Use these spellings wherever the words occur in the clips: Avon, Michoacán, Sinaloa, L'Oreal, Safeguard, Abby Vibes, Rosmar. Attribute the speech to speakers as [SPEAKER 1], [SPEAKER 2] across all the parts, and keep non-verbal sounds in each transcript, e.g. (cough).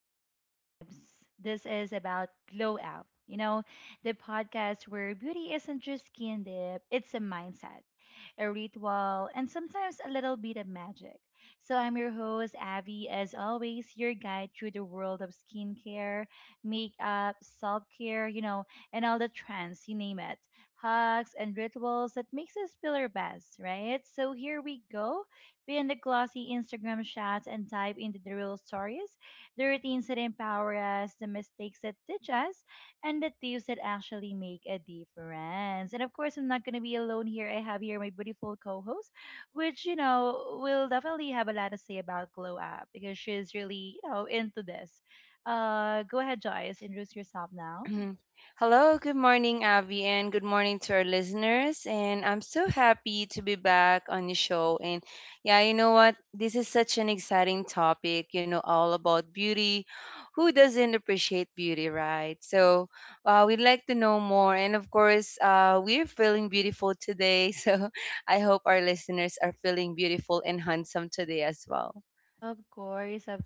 [SPEAKER 1] to Abby Vibes. This is about glow up. The podcast where beauty isn't just skin deep, it's a mindset, a ritual, and sometimes a little bit of magic. So, I'm your host, Abby, as always, your guide through the world of skincare, makeup, self care, and all the trends, you name it, hacks and rituals that makes us feel our best, right? So, here we go beyond the glossy Instagram shots and dive into the real stories, the routines that empower us, the mistakes that teach us, and the tips that actually make a difference. And of course, I'm not going to be alone here. I have here my beautiful co host, which, will definitely have a lot to say about Glow Up because she's really, into this. Go ahead, Joyce, introduce yourself now.
[SPEAKER 2] Mhm. Hello, good morning, Abby, and good morning to our listeners. And I'm so happy to be back on the show. And yeah, you know what? This is such an exciting topic, you know, all about beauty. Who doesn't appreciate beauty, right? So we'd like to know more. And of course, we're feeling beautiful today. (laughs) So I hope our listeners are feeling beautiful and handsome today as well.
[SPEAKER 1] Of course, of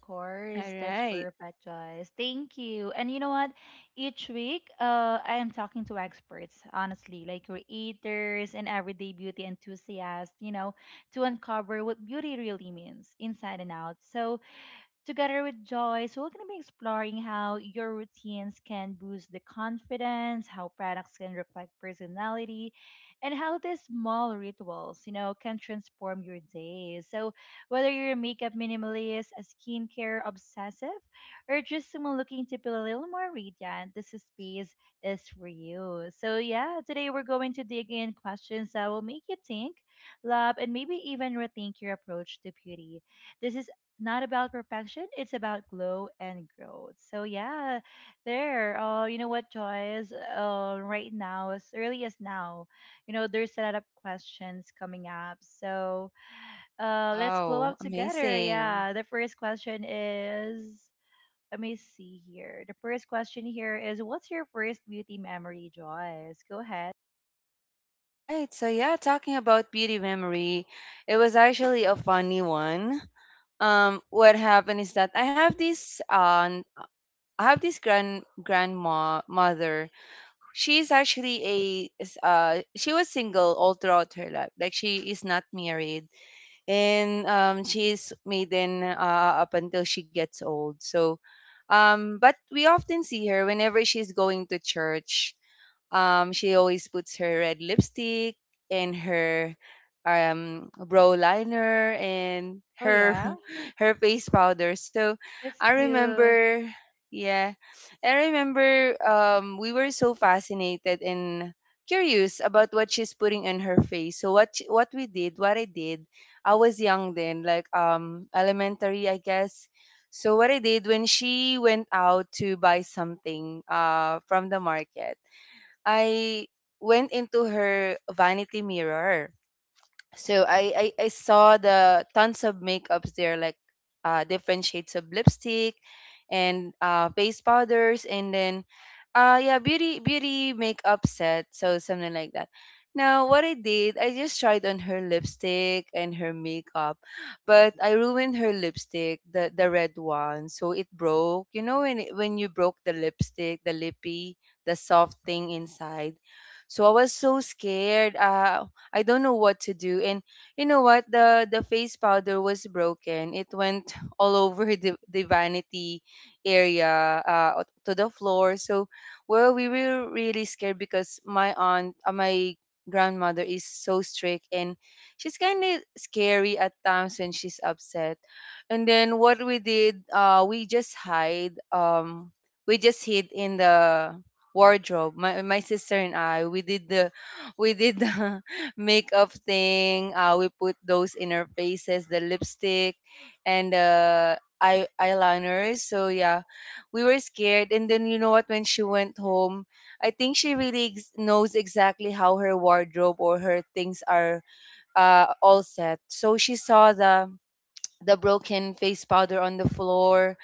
[SPEAKER 2] All
[SPEAKER 1] course. That's
[SPEAKER 2] right.
[SPEAKER 1] perfect, Joyce. Thank you. And you know what? Each week, I am talking to experts, honestly, like creators and everyday beauty enthusiasts, to uncover what beauty really means inside and out. So, together with Joyce, we're going to be exploring how your routines can boost the confidence, how products can reflect personality, and how these small rituals, can transform your day. So, whether you're a makeup minimalist, a skincare obsessive, or just someone looking to feel a little more radiant, this space is for you. So, yeah, today we're going to dig in questions that will make you think, love, and maybe even rethink your approach to beauty. This is not about perfection. It's about glow and growth. So yeah, there. You know what, Joyce? Right now, as early as now, there's a lot of questions coming up. So let's glow
[SPEAKER 2] Wow,
[SPEAKER 1] up together.
[SPEAKER 2] amazing.
[SPEAKER 1] Yeah. The first question is, let me see here. The first question here is, what's your first beauty memory, Joyce? Go ahead.
[SPEAKER 2] Right. So yeah, talking about beauty memory, it was actually a funny one. What happened is that I have this grandma mother. She's actually a is, she was single all throughout her life. Like she is not married, and she's maiden up until she gets old. So, but we often see her whenever she's going to church. She always puts her red lipstick and her brow liner and
[SPEAKER 1] Oh
[SPEAKER 2] her
[SPEAKER 1] yeah,
[SPEAKER 2] (laughs) her face powder. So
[SPEAKER 1] that's
[SPEAKER 2] I
[SPEAKER 1] cute.
[SPEAKER 2] remember, yeah, I remember we were so fascinated and curious about what she's putting on her face. So what we did, what I did, I was young then, like elementary, I guess. So what I did when she went out to buy something from the market. I went into her vanity mirror so I saw the tons of makeups there, like different shades of lipstick and face powders, and then yeah, beauty makeup set, so something like that. Now what I did, I just tried on her lipstick and her makeup, but I ruined her lipstick, the red one, so it broke. You know when it, when you broke the lipstick, the lippy, the soft thing inside. So I was so scared. I don't know what to do. And you know what? The face powder was broken. It went (laughs) all over the vanity area to the floor. So well, we were really scared because my aunt, my grandmother is so strict and she's kind of scary at times when she's upset. And then what we did, we just hide. We just hid in the wardrobe. My sister and I, we did the makeup thing. We put those in our faces, the lipstick and the eyeliners. So yeah, we were scared. And then you know what? When she went home, I think she really knows exactly how her wardrobe or her things are all set. So she saw the broken face powder on the floor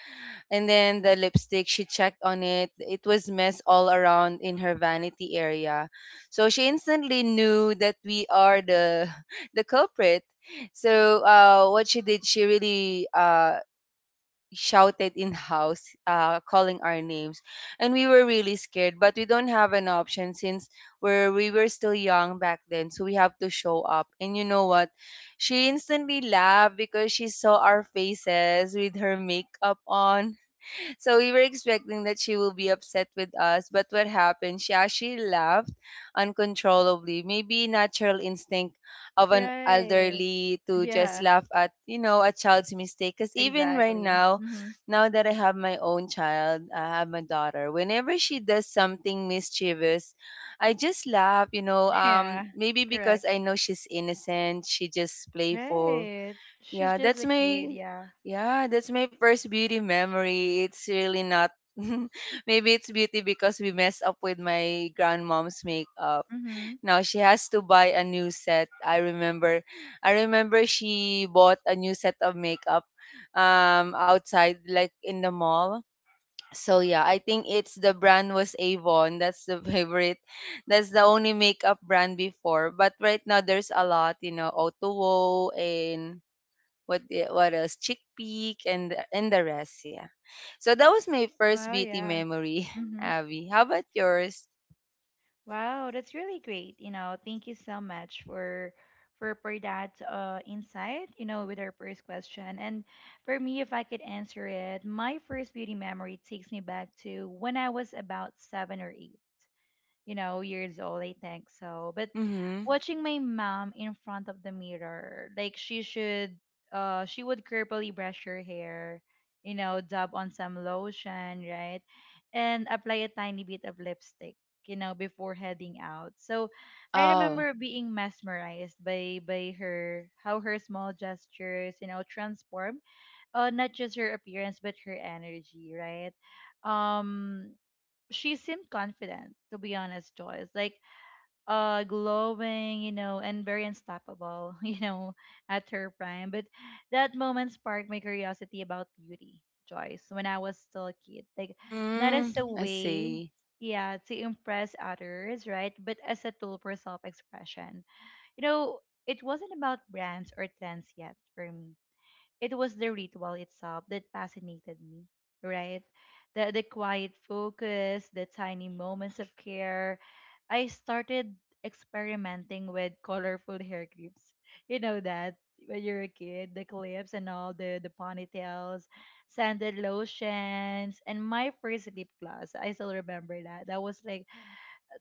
[SPEAKER 2] and then the lipstick, she checked on it. It was mess all around in her vanity area. So she instantly knew that we are the (laughs) the culprit. So what she did, she really shouted in house, calling our names, and we were really scared. But we don't have an option since we were still young back then, so we have to show up. And you know what? She instantly laughed because she saw our faces with her makeup on. So we were expecting that she will be upset with us, but what happened? She actually laughed uncontrollably. Maybe natural instinct of an
[SPEAKER 1] Right.
[SPEAKER 2] elderly to just
[SPEAKER 1] Yeah.
[SPEAKER 2] laugh at, you know, a child's mistake. Because even right
[SPEAKER 1] Exactly.
[SPEAKER 2] now,
[SPEAKER 1] Mm-hmm.
[SPEAKER 2] now that I have my own child, I have my daughter, whenever she does something mischievous, I just laugh, you know,
[SPEAKER 1] (laughs) Yeah.
[SPEAKER 2] maybe because
[SPEAKER 1] Correct.
[SPEAKER 2] I know she's innocent, she just playful
[SPEAKER 1] Right. She's
[SPEAKER 2] yeah,
[SPEAKER 1] just
[SPEAKER 2] that's
[SPEAKER 1] a
[SPEAKER 2] my
[SPEAKER 1] kid, yeah.
[SPEAKER 2] yeah, that's my first beauty memory. It's really not (laughs) maybe it's beauty because we messed up with my grandmom's makeup.
[SPEAKER 1] Mm-hmm.
[SPEAKER 2] Now she has to buy a new set. I remember she bought a new set of makeup outside like in the mall. So yeah, I think it's the brand was Avon. That's the (laughs) favorite. That's the only makeup brand before. But right now there's a lot, you know, Otuo and what else? Chickpea and the rest, yeah. So that was my first
[SPEAKER 1] Wow,
[SPEAKER 2] beauty
[SPEAKER 1] yeah.
[SPEAKER 2] memory, (laughs)
[SPEAKER 1] Mm-hmm.
[SPEAKER 2] Abby. How about yours?
[SPEAKER 1] Wow, that's really great. You know, thank you so much for that insight, with our first question. And for me, if I could answer it, my first beauty memory takes me back to when I was about seven or eight years old, I think so. But
[SPEAKER 2] Mm-hmm.
[SPEAKER 1] watching my mom in front of the mirror, she would carefully brush her hair, dab on some lotion, right, and apply a tiny bit of lipstick, before heading out. So I
[SPEAKER 2] Oh.
[SPEAKER 1] remember being mesmerized by her, how her small gestures, transform, not just her appearance but her energy, right. Um, she seemed confident to be honest, Joyce, like glowing, you know, and very unstoppable (laughs) you know at her prime. But that moment sparked my curiosity about beauty, Joyce, when I was still a kid, like not as
[SPEAKER 2] Mm,
[SPEAKER 1] a
[SPEAKER 2] I
[SPEAKER 1] way,
[SPEAKER 2] see.
[SPEAKER 1] yeah, to impress others, right, but as a tool for self-expression, you know. It wasn't about brands or trends yet for me, it was the ritual itself that fascinated me, right? The quiet focus, the tiny moments of care. I started experimenting with colorful hair clips. You know that when you're a kid, the clips and all the ponytails, scented lotions, and my first lip gloss. I still remember that. That was like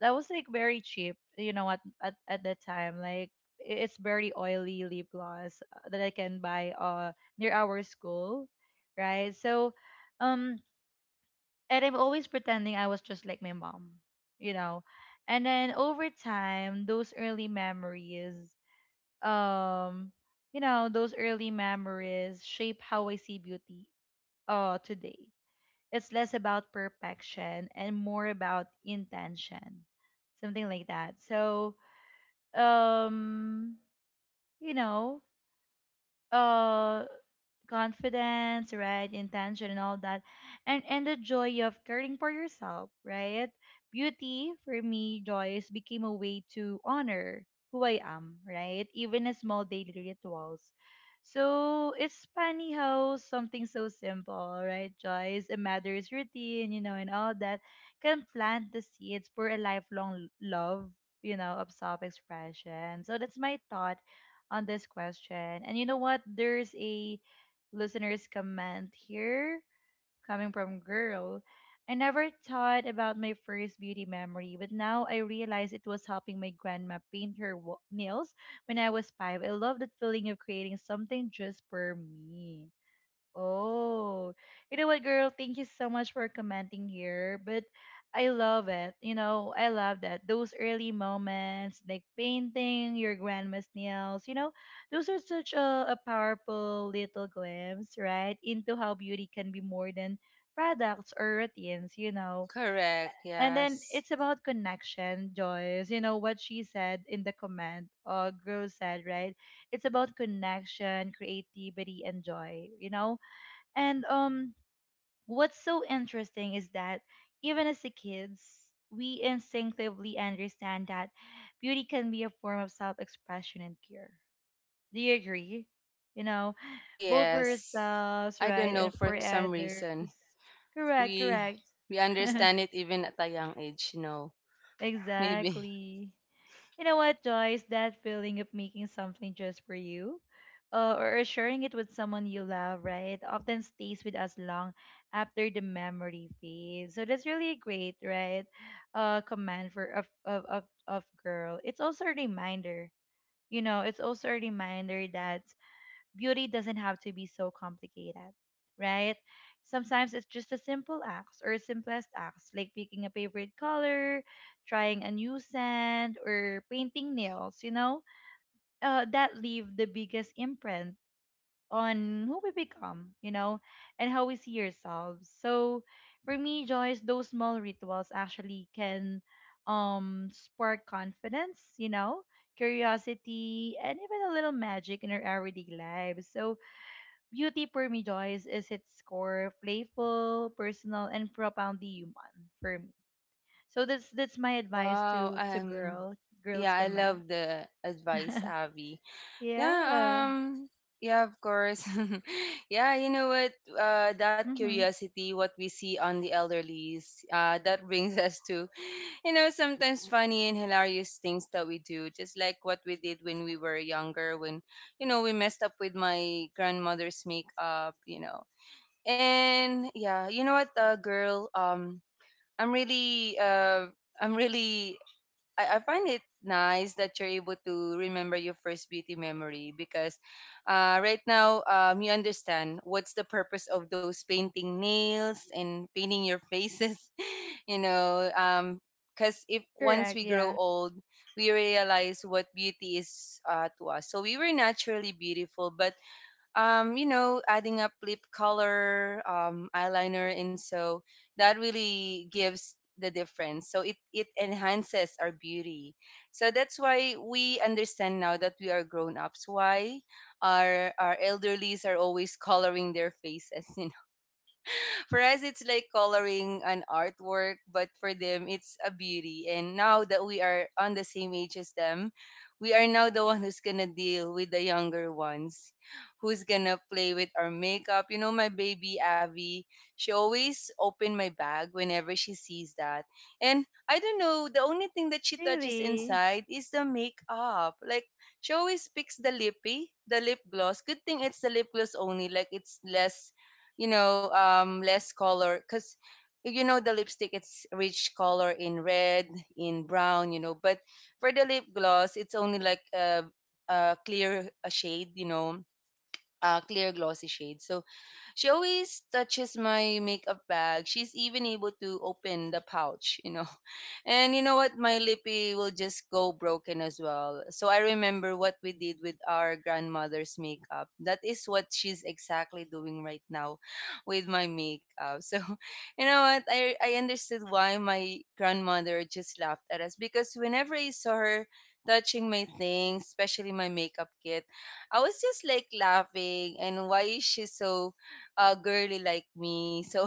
[SPEAKER 1] that was like very cheap, you know, at that time. Like it's very oily lip gloss that I can buy near our school, right? So, um, and I'm always pretending I was just like my mom, you know. And then over time, those early memories, um, shape how I see beauty today. It's less about perfection and more about intention, something like that. So, um, you know, uh confidence, right, intention and all that, and the joy of caring for yourself, right. Beauty for me, Joyce, became a way to honor who I am, right, even a small daily rituals. So it's funny how something so simple, right, Joyce, a mother's routine, you know, and all that, can plant the seeds for a lifelong love, you know, of self-expression. So that's my thought on this question. And you know what? There's a listener's comment here coming from girl. I never thought about my first beauty memory, but now I realize it was helping my grandma paint her nails when I was five. I love that feeling of creating something just for me. Oh, you know what, girl? Thank you so much for commenting here. But I love it. You know, I love that. Those early moments, like painting your grandma's nails, you know, those are such a powerful little glimpse, right? Into how beauty can be more than products or routines, you know.
[SPEAKER 2] Correct,
[SPEAKER 1] And then
[SPEAKER 2] yes.
[SPEAKER 1] it's about connection, Joyce. You know what she said in the comment, girl said, right? It's about connection, creativity, and joy, you know. And what's so interesting is that even as the kids, we instinctively understand that beauty can be a form of self-expression and care. Do you agree? You know,
[SPEAKER 2] Ah
[SPEAKER 1] both for
[SPEAKER 2] yes.
[SPEAKER 1] ourselves,
[SPEAKER 2] I don't
[SPEAKER 1] right,
[SPEAKER 2] know
[SPEAKER 1] and
[SPEAKER 2] for
[SPEAKER 1] for
[SPEAKER 2] some
[SPEAKER 1] others.
[SPEAKER 2] reason.
[SPEAKER 1] Correct,
[SPEAKER 2] We
[SPEAKER 1] correct.
[SPEAKER 2] we understand it even at a young age, you know.
[SPEAKER 1] (laughs)
[SPEAKER 2] Maybe. (laughs)
[SPEAKER 1] Exactly. You know what, Joyce? That feeling of making something just for you, or sharing it with someone you love, right, often stays with us long after the memory fades. So that's really great, right? Command for of girl. It's also a reminder. You know, it's also a reminder that beauty doesn't have to be so complicated, right? Sometimes it's just a simple acts or simplest acts like picking a favorite color, trying a new scent, or painting nails, you know, that leave the biggest imprint on who we become, you know, and how we see ourselves. So for me, Joyce, those small rituals actually can spark confidence, you know, curiosity, and even a little magic in our everyday lives. So beauty for me, Joyce, is its core playful, personal, and profoundly human for me. So that's my advice
[SPEAKER 2] Wow,
[SPEAKER 1] to girl
[SPEAKER 2] yeah,
[SPEAKER 1] girls
[SPEAKER 2] I
[SPEAKER 1] command.
[SPEAKER 2] love the advice,
[SPEAKER 1] (laughs)
[SPEAKER 2] Avi. Yeah,
[SPEAKER 1] Yeah.
[SPEAKER 2] um, yeah, of course. (laughs) Yeah, you know what? That
[SPEAKER 1] Mm-hmm.
[SPEAKER 2] curiosity, what we see on the elderlies, that brings (laughs) us to, you know, sometimes funny and hilarious things that we do, just like what we did when we were younger, when, you know, we messed up with my grandmother's makeup, you know. And yeah, you know what, girl, I'm really, uh, I'm really I find it nice that you're able to remember your first beauty memory because right now you understand what's the purpose of those painting nails and painting your faces, (laughs) you know. Because if once
[SPEAKER 1] Correct.
[SPEAKER 2] we grow
[SPEAKER 1] Yeah.
[SPEAKER 2] old, we realize what beauty is to us. So we were naturally beautiful, but you know, adding up lip color, eyeliner, and so that really gives the difference. So it enhances our beauty. So that's why we understand now that we are grown ups. Why our elderlies are always coloring their faces, (laughs) for us, it's like coloring an artwork, but for them, it's a beauty. And now that we are on the same age as them, we are now the one who's gonna deal with the younger ones, who's gonna play with our makeup. You know, my baby Abby, she always open my bag whenever she sees that. And I don't know, the only thing that she touches
[SPEAKER 1] Really.
[SPEAKER 2] inside is the makeup. Like she always picks the lippy, the lip gloss. Good thing it's the lip gloss only, like it's less you know less color because you know the lipstick it's rich color in red in brown you know but for the lip gloss it's only like a clear a shade you know a clear glossy shade so she always touches my makeup bag she's even able to open the pouch you know and you know what? My lippy will just go broken as well. So I remember what we did with our grandmother's makeup. That is what she's exactly doing right now (laughs) with my makeup. So (laughs) you know what? I understood why my grandmother just laughed at us because whenever I saw her touching my things, especially my makeup kit, I was just like laughing and why is she so girly like me? (laughs) So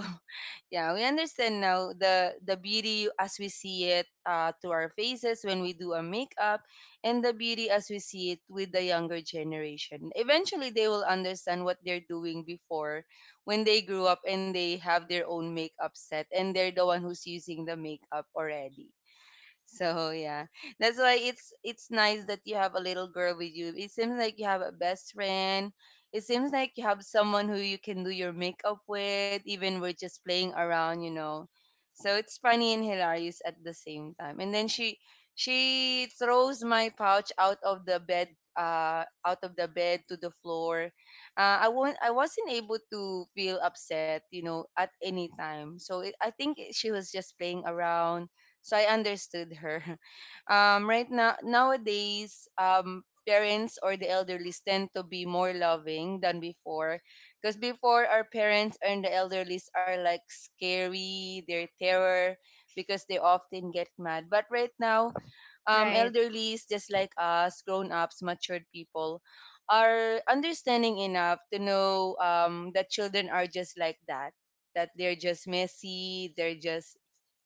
[SPEAKER 2] yeah, we understand now the beauty as we see it to our faces when we do a makeup, and the beauty as we see it with the younger generation. Eventually, they will understand what they're doing before, when they grew up and they have their own makeup set, and they're the one who's using the makeup already. So yeah, that's why it's nice that you have a little girl with you. It seems like you have a best friend. It seems like you have someone who you can do your makeup with, even we're just playing around, you know. So it's funny and hilarious at the same time. And then she throws my pouch out of the bed, to the floor. I wasn't able to feel upset, you know, at any time. So it, I think she was just playing around so I understood her. (laughs) Right now, nowadays, parents or the elderly tend to be more loving than before. Because before, our parents and the elderly are like scary, they're terror because they often get mad. But right now,
[SPEAKER 1] Right.
[SPEAKER 2] elderlies, just like us, grown ups, matured people, are understanding enough to know that children are just like that. That they're just messy,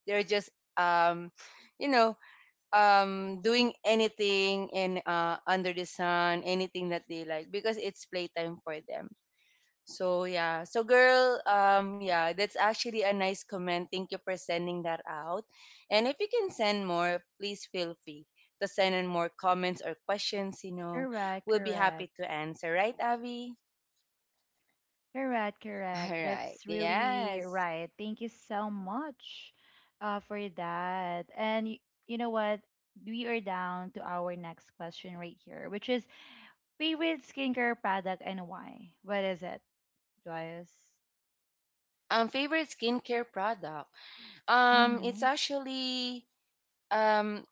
[SPEAKER 2] they're just um you know doing anything in under the sun anything that they like because it's playtime for them so yeah so girl yeah that's actually a nice comment thank you for sending that out and if you can send more please feel free to send in more comments or questions you know
[SPEAKER 1] Correct,
[SPEAKER 2] we'll be happy
[SPEAKER 1] correct.
[SPEAKER 2] to answer right Avi.
[SPEAKER 1] Correct,
[SPEAKER 2] (laughs) All
[SPEAKER 1] correct.
[SPEAKER 2] right,
[SPEAKER 1] That's really
[SPEAKER 2] yes.
[SPEAKER 1] right. Thank you so much for that. You know what? We are down to our next question right here, which is favorite skincare product and why? What is it, Joyce?
[SPEAKER 2] Favorite skincare product it's
[SPEAKER 1] Mm-hmm.
[SPEAKER 2] actually um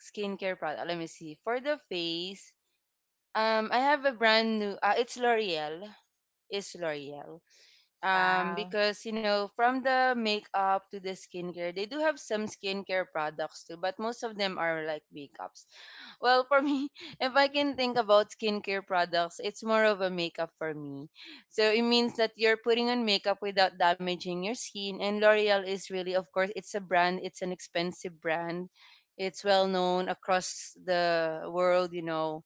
[SPEAKER 2] skincare product. Let me see. For the face, I have a brand new. It's L'Oreal. It's L'Oreal.
[SPEAKER 1] Wow.
[SPEAKER 2] Because you know, from the makeup to the skincare, they do have some skincare products too, but most of them are like makeup. Well, for me, (laughs) if I can think about skincare products, it's more of a makeup for me. So it means that you're putting on makeup without damaging your skin. And L'Oreal is really, of course, it's a brand, it's an expensive brand. It's well known across the world, you know,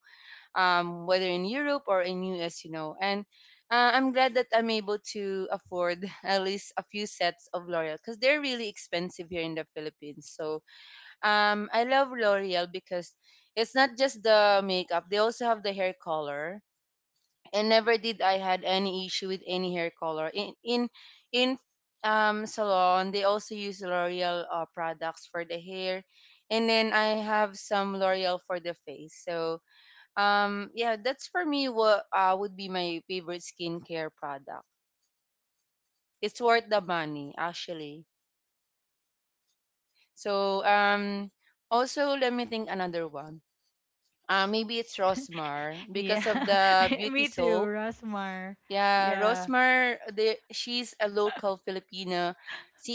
[SPEAKER 2] whether in Europe or in US, you know. And I'm glad that I'm able to afford (laughs) at least a few sets of L'Oreal because they're really expensive here in the Philippines. I love L'Oreal because it's not just the makeup; they also have the hair color. And never did I had any issue with any hair color. In salon, they also use L'Oreal products for the hair, and then I have some L'Oreal for the face. So yeah, that's for me what would be my favorite skincare product. It's worth the money actually. So um also let me think another one. Maybe it's
[SPEAKER 1] (laughs)
[SPEAKER 2] Rosmar
[SPEAKER 1] Yeah.
[SPEAKER 2] because of the
[SPEAKER 1] (laughs)
[SPEAKER 2] beauty
[SPEAKER 1] Me too,
[SPEAKER 2] soap.
[SPEAKER 1] Rosmar.
[SPEAKER 2] Yeah,
[SPEAKER 1] Yeah.
[SPEAKER 2] Rosmar, she's a local Filipino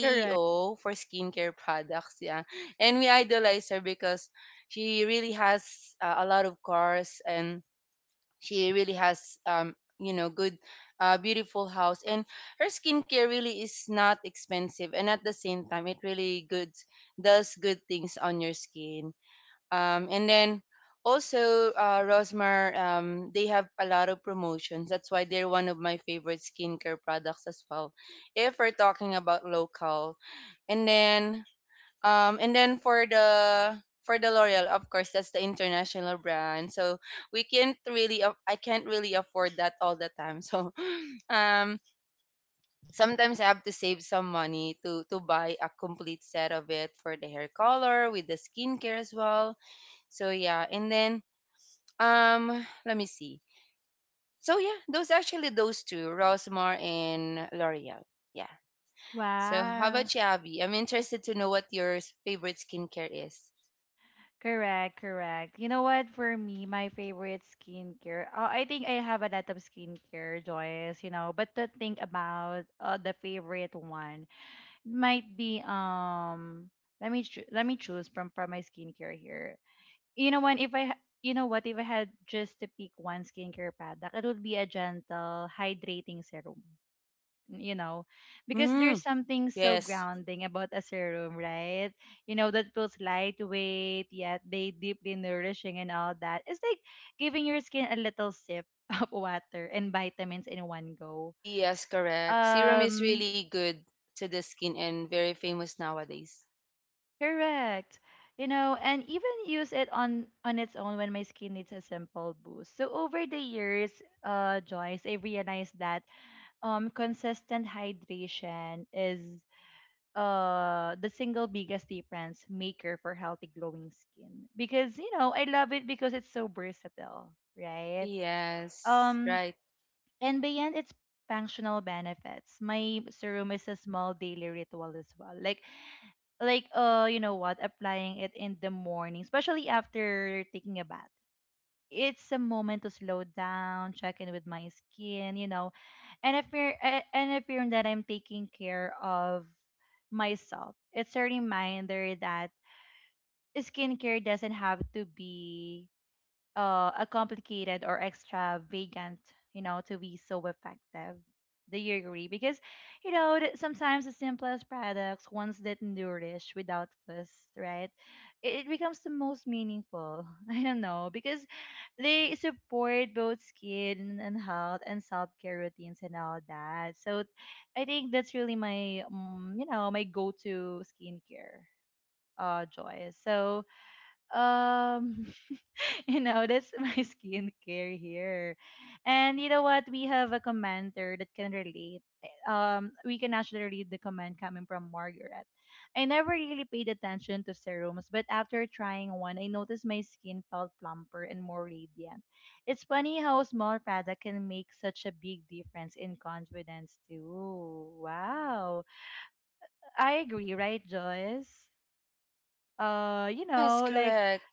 [SPEAKER 1] Correct.
[SPEAKER 2] for skincare products. Yeah, and we idolize her because she really has a lot of cars and she really has you know good beautiful house, and her skincare really is not expensive and at the same time it really good does good things on your skin. And then also Rosmar, they have a lot of promotions. That's why they're one of my favorite skincare products as well, if we're talking about local. And then um, and then for the L'Oreal, of course, that's the international brand. So we can't really, I can't really afford that all the time. (laughs) Um, sometimes I have to save some money to buy a complete set of it for the hair color with the skincare as well. So yeah, and then let me see. So yeah, those actually, those two, Rosmar and L'Oreal. Yeah. So how about
[SPEAKER 1] Wow.
[SPEAKER 2] you, Abby? I'm interested to know what your favorite skincare is.
[SPEAKER 1] Correct, correct. You know what? For me, my favorite skincare. Oh, I think I have a lot of skincare, Joyce. You know, but to think about the favorite one might be Let me let me choose from my skincare here. You know what, if I had just to pick one skincare product, it would be a gentle hydrating serum. You know, because
[SPEAKER 2] Hmm.
[SPEAKER 1] there's something so
[SPEAKER 2] Yes.
[SPEAKER 1] grounding about a serum, right? You know, that feels lightweight, yet they deeply nourishing and all that. It's like giving your skin a little sip (laughs) of water and vitamins in one go.
[SPEAKER 2] Yes, correct. Serum is
[SPEAKER 1] Um,
[SPEAKER 2] really good to the skin and very famous nowadays.
[SPEAKER 1] Correct. You know, and even use it on its own when my skin needs a simple boost. So over the years, Joyce, I realized that consistent hydration is the single biggest difference maker for healthy glowing skin. Because, you know, I love it because it's so versatile, right?
[SPEAKER 2] Yes.
[SPEAKER 1] Um
[SPEAKER 2] Right.
[SPEAKER 1] and beyond its functional benefits, my serum is a small daily ritual as well. Like you know what, applying it in the morning, especially after taking a bath, it's a moment to slow down, check in with my skin, you know. And if you're that I'm taking care of myself, it's a reminder that skincare doesn't have to be a complicated or extravagant, you know, to be so effective. Do you agree? Because, you know, that sometimes the simplest products, ones that nourish without fuss, right? It becomes the most meaningful. (laughs) I don't know. Because they support both skin and health and self care routines and all that. So I think that's really my, my go to skincare joy. So, um (laughs) You know, that's (laughs) my skincare here. And you know what? We have a commenter that can relate. We can actually read the comment coming from Margaret. I never really paid attention to serums, but after trying one, I noticed my skin felt plumper and more radiant. It's funny how a small product can make such a big difference in confidence too. Wow. I agree, right, Joyce? You
[SPEAKER 2] Yes,
[SPEAKER 1] know, like
[SPEAKER 2] correct.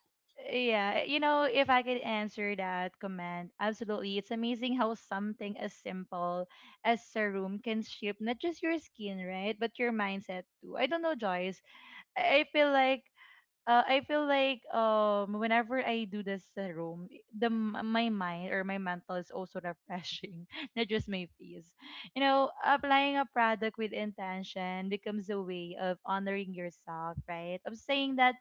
[SPEAKER 1] yeah, you know, if I could answer that comment, absolutely. It's amazing how something as simple as serum can shape not just your skin, right, but your mindset too. I don't know, Joyce. I feel like I feel like whenever I do this at home, my mind or my mental is also refreshing, (laughs) not just my face. You know, applying a product with intention becomes a way of honoring yourself, right? Of saying that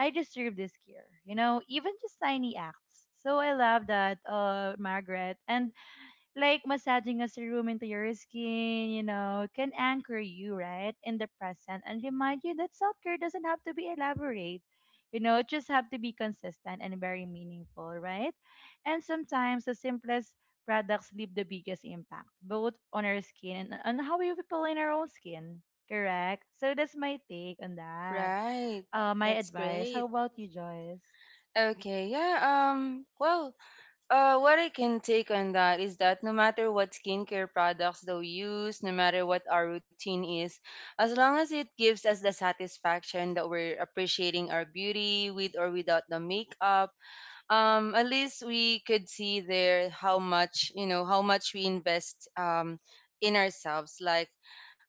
[SPEAKER 1] I deserve this care. You know, even just tiny acts. So I love that, Margaret, and like massaging a serum into your skin, you know, can anchor you, right, in the present and remind you that self care doesn't have to be elaborate. You know, it just have to be consistent and very meaningful, right? And sometimes the simplest products leave the biggest impact, both on our skin and on how we feel in our own skin. Correct? So that's my take on that.
[SPEAKER 2] Right.
[SPEAKER 1] My
[SPEAKER 2] That's
[SPEAKER 1] advice. How
[SPEAKER 2] great.
[SPEAKER 1] about you, Joyce?
[SPEAKER 2] Okay. Yeah. Well, what I can take on that is that no matter what skincare products that we use, no matter what our routine is, as long as it gives us the satisfaction that we're appreciating our beauty with or without the makeup, at least we could see there how much, you know, how much we invest, in ourselves, like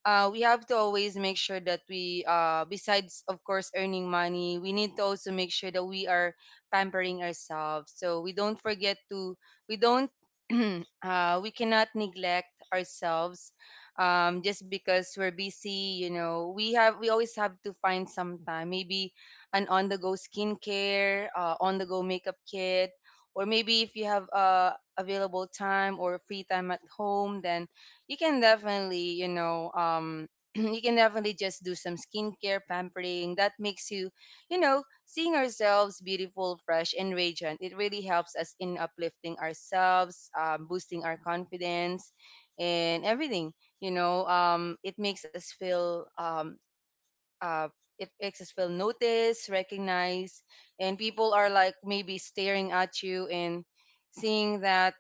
[SPEAKER 2] we have to always make sure that we, besides of course earning money, we need to also make sure that we are pampering ourselves, so we don't forget to we don't (clears throat) we cannot neglect ourselves just because we're busy. You know, we always have to find some time, maybe an on the go skincare, on the go makeup kit, or maybe if you have available time or free time at home, then you can definitely, you know, (clears throat) you can definitely just do some skincare pampering. That makes you, you know, seeing ourselves beautiful, fresh, and radiant. It really helps us in uplifting ourselves, boosting our confidence, and everything. You know, it makes us feel, uh, it makes us feel noticed, recognized, and people are like maybe staring at you and seeing that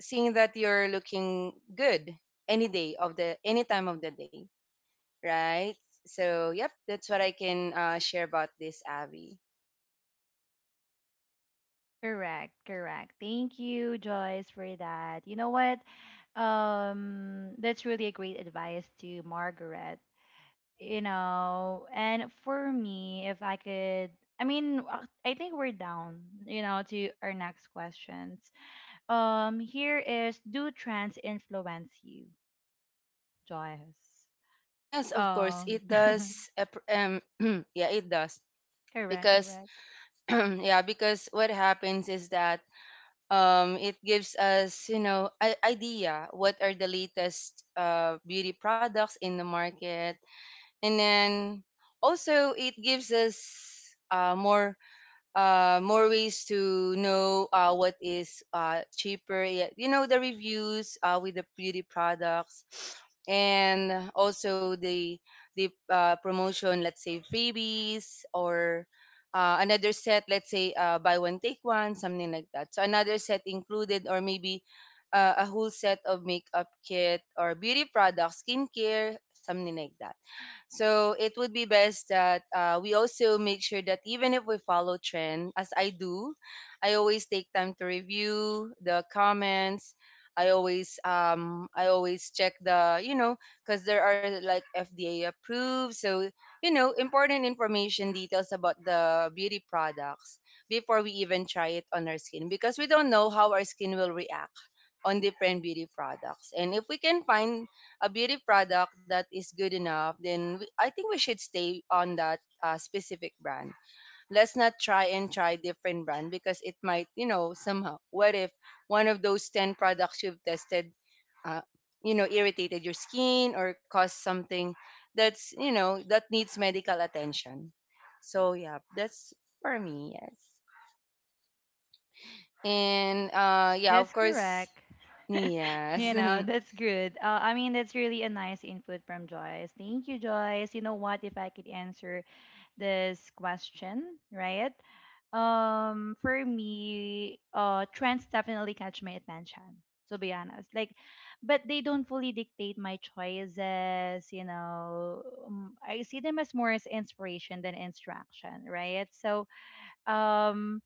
[SPEAKER 2] seeing that you're looking good any day of the any time of the day, right? So yep, that's what I can share about this, Abby.
[SPEAKER 1] Correct, correct. Thank you, Joyce, for that. You know what? That's really a great advice to Margaret. You know, and for me, if I could, I mean, I think we're down, you know, to our next questions. Here is, do trends influence you, Joyce?
[SPEAKER 2] Yes, of course
[SPEAKER 1] Um,
[SPEAKER 2] it does. (clears throat) Yeah, it does
[SPEAKER 1] (laughs) correct,
[SPEAKER 2] because
[SPEAKER 1] correct.
[SPEAKER 2] (clears throat) yeah, because what happens is that, it gives us, you know, an idea what are the latest beauty products in the market, and then also it gives us, more ways to know what is cheaper. Yeah. You know, the reviews with the beauty products, and also the promotion, let's say freebies or another set, let's say, buy one take one, something like that. So another set included, or maybe a whole set of makeup kit or beauty products, skincare, something like that. So it would be best that we also make sure that even if we follow trend, as I do, I always take time to review the comments. I always check, the you know, because there are like FDA approved, so you know, important information details about the beauty products before we even try it on our skin, because we don't know how our skin will react on different beauty products. And if we can find a beauty product that is good enough, then I think we should stay on that specific brand. Let's not try and try different brand because it might, you know, somehow. What if one of those 10 products you've tested, uh, you know, irritated your skin or caused something that's, you know, that needs medical attention. So yeah, that's for me, yes. And yeah, of
[SPEAKER 1] That's
[SPEAKER 2] course,
[SPEAKER 1] correct. (laughs)
[SPEAKER 2] yes.
[SPEAKER 1] You know, that's good. I mean, that's really a nice input from Joyce. Thank you, Joyce. You know what? If I could answer this question, right? For me, trends definitely catch my attention. To be honest, like, but they don't fully dictate my choices. You know, I see them as more as inspiration than instruction, right? So, um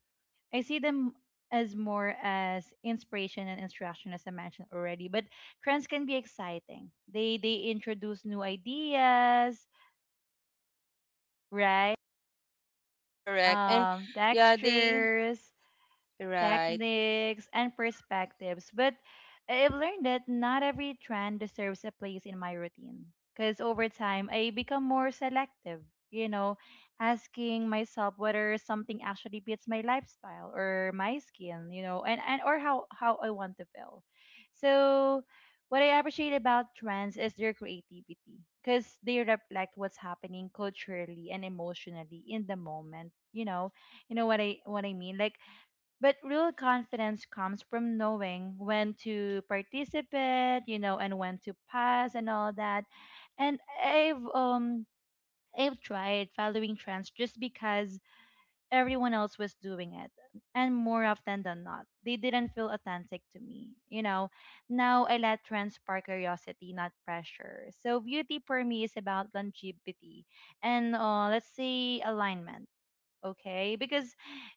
[SPEAKER 1] I see them as more as inspiration and instruction, as I mentioned already. But trends can be exciting. They introduce new ideas, right?
[SPEAKER 2] (laughs) Correct. And yeah, they
[SPEAKER 1] Textures,
[SPEAKER 2] right.
[SPEAKER 1] techniques, and perspectives. But I've learned that not every trend deserves a place in my routine. Because over time, I become more selective, you know, asking myself whether something actually fits my lifestyle or my skin, you know, and or how I want to feel. So, what I appreciate about trends is their creativity because they reflect what's happening culturally and emotionally in the moment. You know what I mean. Like but real confidence comes from knowing when to participate, you know, and when to pass and all that. And I've I've tried following trends just because everyone else was doing it. And more often than not, they didn't feel authentic to me. You know, now I let trends spark curiosity, not pressure. So beauty for me is about longevity and let's say alignment. Okay, because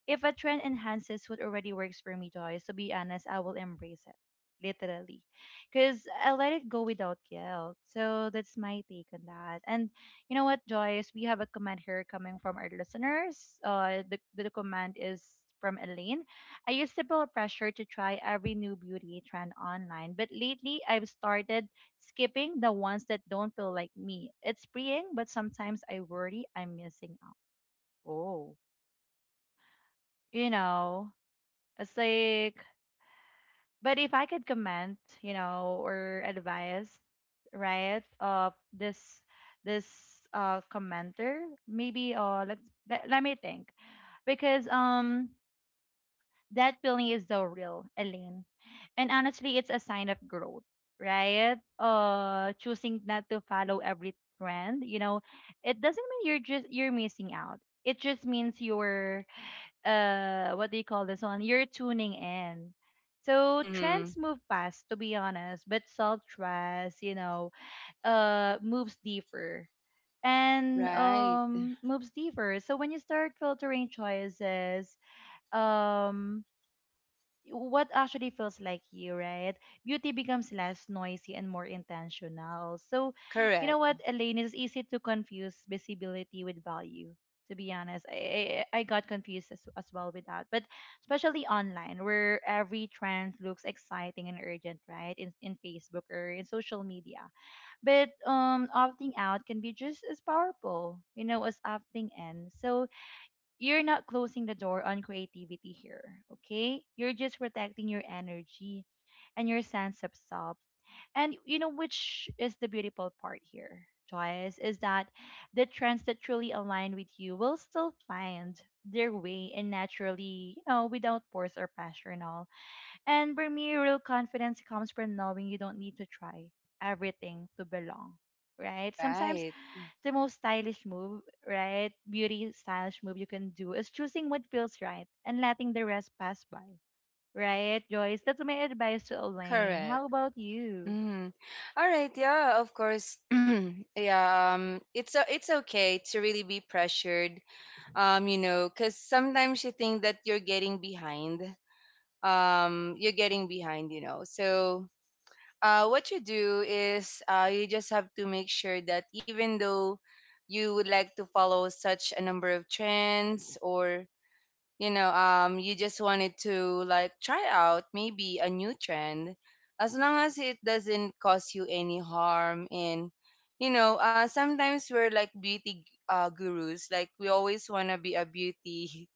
[SPEAKER 1] if a trend enhances what already works for me, Joyce, to be honest, I will embrace it literally because I let it go without guilt. So that's my take on that. And you know what, Joyce, we have a comment here coming from our listeners. The comment is from Elaine. I used to feel pressure to try every new beauty trend online, but lately I've started skipping the ones that don't feel like me. It's freeing, but sometimes I worry I'm missing out. Oh, you know, it's like, but if I could comment, you know, or advise, right, of this commenter, maybe, let's, let, let me think, because, that feeling is so real, Elaine. And honestly, it's a sign of growth, right? Choosing not to follow every trend, you know, it doesn't mean you're missing out. It just means you're what do you call this one, you're tuning in. So trends
[SPEAKER 2] Mm-hmm.
[SPEAKER 1] move fast, to be honest, but self-trust, you know, moves deeper, and
[SPEAKER 2] Right.
[SPEAKER 1] moves deeper. So when you start filtering choices, um what actually feels like you, right? Beauty becomes less noisy and more intentional. So, you know
[SPEAKER 2] Correct.
[SPEAKER 1] what, Elaine, it's easy to confuse visibility with value. To be honest, I got confused as well with that. But especially online, where every trend looks exciting and urgent, right? In Facebook or in social media. But opting out can be just as powerful, you know, as opting in. So, you're not closing the door on creativity here, okay? You're just protecting your energy and your sense of self. And you know which is the beautiful part here, Joyce, is that the trends that truly align with you will still find their way and naturally, you know, without force or pressure and all. And for me, real confidence comes from knowing you don't need to try everything to belong. Right? Sometimes
[SPEAKER 2] Right.
[SPEAKER 1] the most stylish move, right? Beauty stylish move you can do is choosing what feels right and letting the rest pass by. Right, Joyce? That's my advice to Elaine.
[SPEAKER 2] Correct.
[SPEAKER 1] How about you?
[SPEAKER 2] Mm-hmm. All right. Yeah. Of course. (clears throat) Yeah. It's it's okay to really be pressured. You know, because sometimes you think that you're getting behind. You're getting behind, you know. So. What you do is, you just have to make sure that even though you would like to follow such a number of trends, or you just wanted to like try out maybe a new trend, as long as it doesn't cause you any harm. And, you know, sometimes we're like beauty gurus, like we always want to be a beauty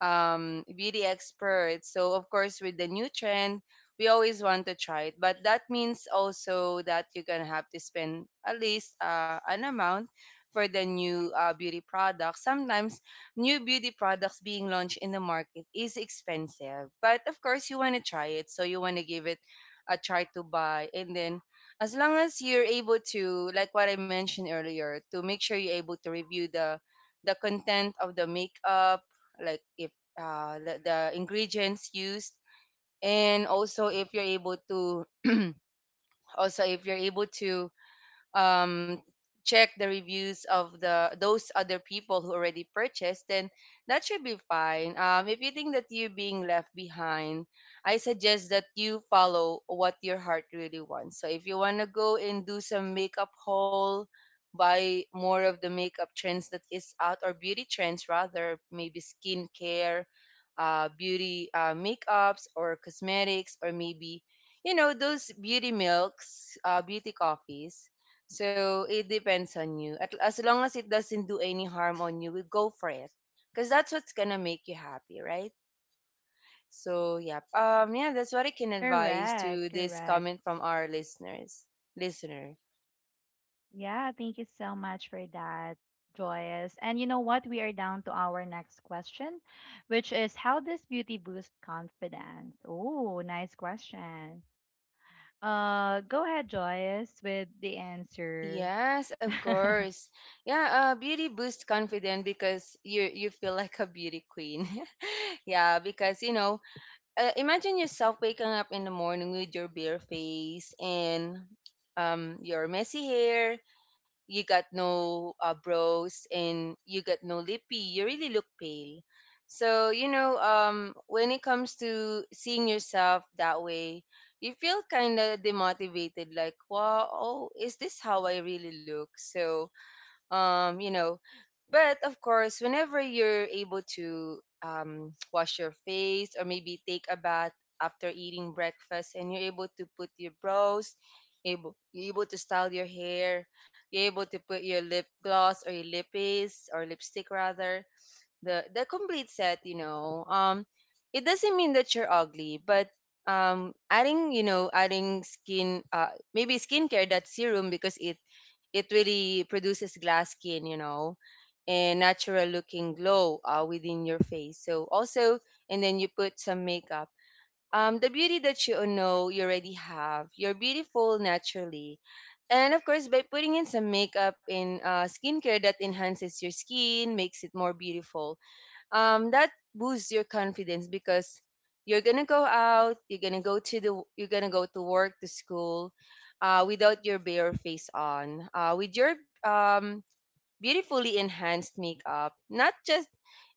[SPEAKER 2] um, beauty experts. So, of course, with the new trend, we always want to try it. But that means also that you're going to have to spend at least an amount for the new beauty products. Sometimes, new beauty products being launched in the market is expensive. But of course, you want to try it. So you want to give it a try to buy. And then, as long as you're able to, like what I mentioned earlier, to make sure you're able to review the content of the makeup, like if the ingredients used, and also if you're able to also if you're able to um, check the reviews of the those other people who already purchased, then that should be fine. If you think that you're being left behind, I suggest that you follow what your heart really wants. So if you want to go and do some makeup haul, buy more of the makeup trends that is out, or beauty trends rather, maybe skincare, beauty makeups or cosmetics, or maybe you know those beauty milks, beauty coffees, so it depends on you. As long as it doesn't do any harm on you, we go for it. Because that's what's gonna make you happy, right? So yeah. Yeah, that's what I can advise
[SPEAKER 1] Correct,
[SPEAKER 2] to this
[SPEAKER 1] correct.
[SPEAKER 2] comment from our listeners. Listener.
[SPEAKER 1] Yeah, thank you so much for that, Joyce. And you know what? We are down to our next question, which is how does beauty boost confidence? Oh, nice question. Go ahead, Joyce, with the answer. (laughs)
[SPEAKER 2] Yes, of course. Yeah, beauty boosts confidence because you feel like a beauty queen. (laughs) Yeah, because you know, imagine yourself waking up in the morning with your bare face, and your messy hair, you got no brows and you got no lippy, you really look pale. So, you know, when it comes to seeing yourself that way, you feel kind of demotivated, like wow, oh, is this how I really look. So you know, but of course, whenever you're able to, (tsk) wash your face or maybe take a bath after eating breakfast, and you're able to put your brows, you're able to style your hair, you're able to put your lip gloss or your lippies or lipstick rather, the complete set, it doesn't mean that you're ugly, but adding, you know, adding skin maybe skincare that's serum, because it really produces glass skin, you know, and natural looking glow within your face. So also, and then you put some makeup, the beauty that you know you already have, you're beautiful naturally, and of course, by putting in some makeup and skincare that enhances your skin, makes it more beautiful, that boosts your confidence because you're gonna go out, you're gonna go to the, you're gonna go to work, to school, without your bare face on, with your um, beautifully enhanced makeup. Not just,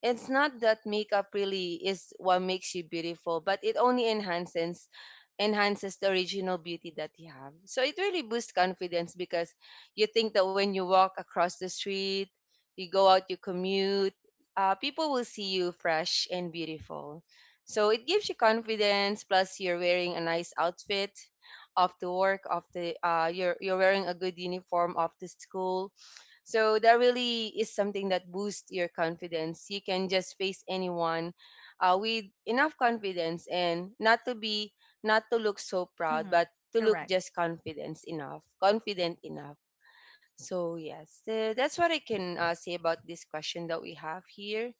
[SPEAKER 2] it's not that makeup really is what makes you beautiful, but it only enhances the original beauty that you have. So it really boosts confidence, because you think that when you walk across the street, you go out, you commute, people will see you fresh and beautiful. So it gives you confidence. Plus, you're wearing a nice outfit off to work, off the you're wearing a good uniform off to school. So that really is something that boosts your confidence. You can just face anyone with enough confidence and not to look so proud, but
[SPEAKER 1] Mhm.
[SPEAKER 2] to look
[SPEAKER 1] Correct.
[SPEAKER 2] just confident enough. So yes, that's what I can say about this question that we have here.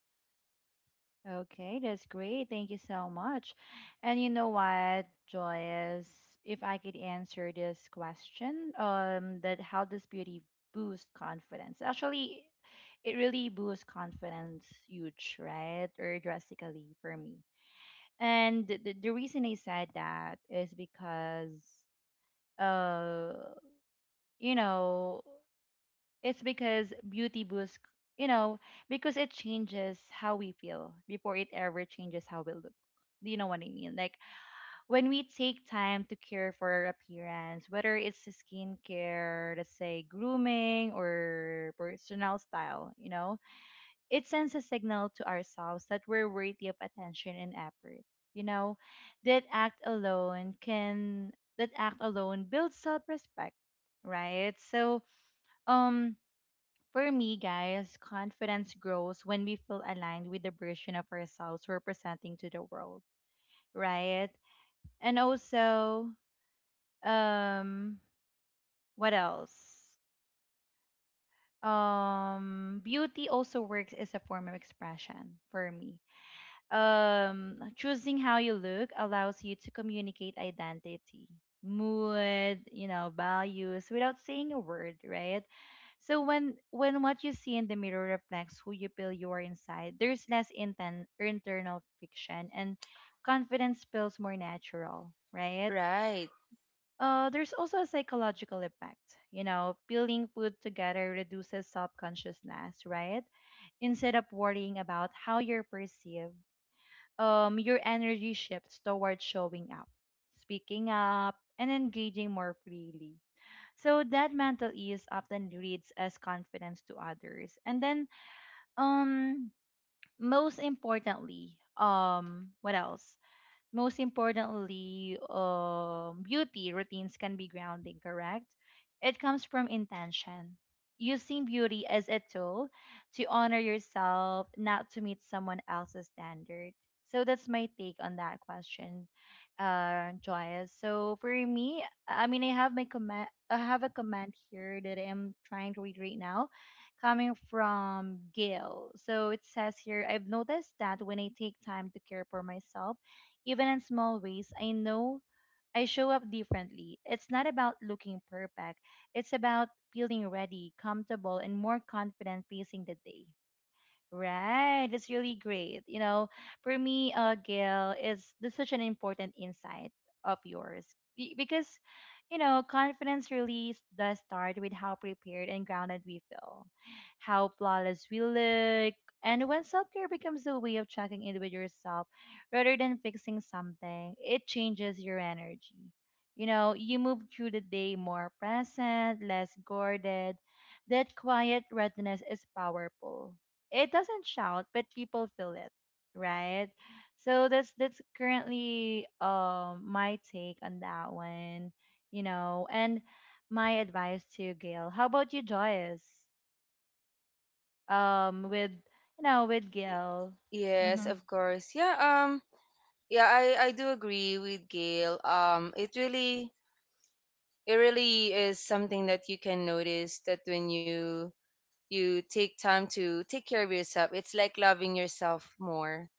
[SPEAKER 1] Okay, that's great. Thank you so much. And you know what, Joyce, if I could answer this question, that how does beauty boost confidence? Actually, it really boosts confidence huge, right? Or drastically for me. And the reason I said that is because, uh, you know, it's because beauty boosts, you know, because it changes how we feel before it ever changes how we look. Do you know what I mean? Like when we take time to care for our appearance, whether it's the skincare, let's say grooming or personal style, you know, it sends a signal to ourselves that we're worthy of attention and effort. You know, that act alone can that act alone builds self-respect, right? So, um for me, guys, confidence grows when we feel aligned with the version of ourselves we're presenting to the world, right? And also, um, what else? Beauty also works as a form of expression for me. Choosing how you look allows you to communicate identity, mood, you know, values without saying a word, right? So when what you see in the mirror reflects who you feel you are inside, there's less internal friction, and confidence feels more natural, right?
[SPEAKER 2] Right.
[SPEAKER 1] There's also a psychological effect, you know. Peeling food together reduces self-consciousness, right? Instead of worrying about how you're perceived, your energy shifts towards showing up, speaking up, and engaging more freely. So that mental ease often reads as confidence to others. And then, um, most importantly, what else? Most importantly, beauty routines can be grounding, correct? It comes from intention. Using beauty as a tool to honor yourself, not to meet someone else's standard. So that's my take on that question, Joyous. So for me, I mean, I have my comment. I have a comment here that I am trying to read right now coming from Gail. So it says here, I've noticed that when I take time to care for myself, even in small ways, I know I show up differently. It's not about looking perfect, it's about feeling ready, comfortable, and more confident facing the day. Right, that's really great. You know, for me, Gail, is this such an important insight of yours. Because, you know, confidence really does start with how prepared and grounded we feel, how flawless we look, and when self-care becomes a way of checking in with yourself rather than fixing something, it changes your energy. You know, you move through the day more present, less guarded. That quiet readiness is powerful. It doesn't shout, but people feel it, right? So that's currently my take on that one, you know, and my advice to you, Gail. How about you, Joyce? With you know, with
[SPEAKER 2] Y-
[SPEAKER 1] Gail.
[SPEAKER 2] Yes,
[SPEAKER 1] Mhm.
[SPEAKER 2] of course. Yeah. Yeah, I do agree with Gail. It really is something that you can notice that when you take time to take care of yourself, it's like loving yourself more.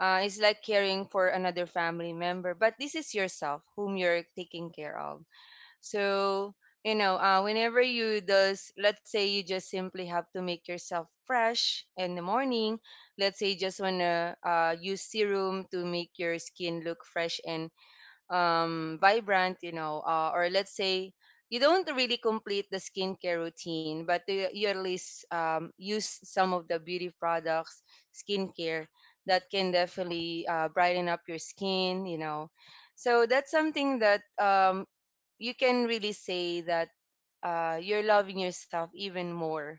[SPEAKER 2] It's like caring for another family member, but this is yourself whom you're taking care of. So, you know, whenever you does, let's say you just simply have to make yourself fresh in the morning. Let's say you just wanna use serum to make your skin look fresh and vibrant, you know, or let's say you don't really complete the skincare routine, but you at least use some of the beauty products, skincare that can definitely brighten up your skin, you know. So that's something that you can really say that you're loving yourself even more,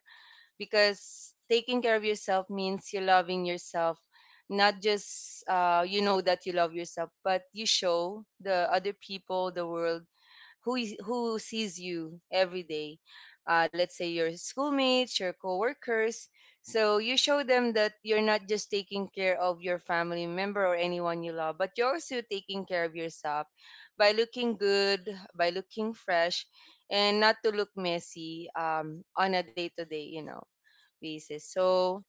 [SPEAKER 2] because taking care of yourself means you loving yourself, not just you know that you love yourself, but you show the other people, the world, who sees you every day, let's say your schoolmates, your coworkers. So you show them that you're not just taking care of your family member or anyone you love, but you're also taking care of yourself, by looking good, by looking fresh, and not to look messy on a day to day, you know, basis. So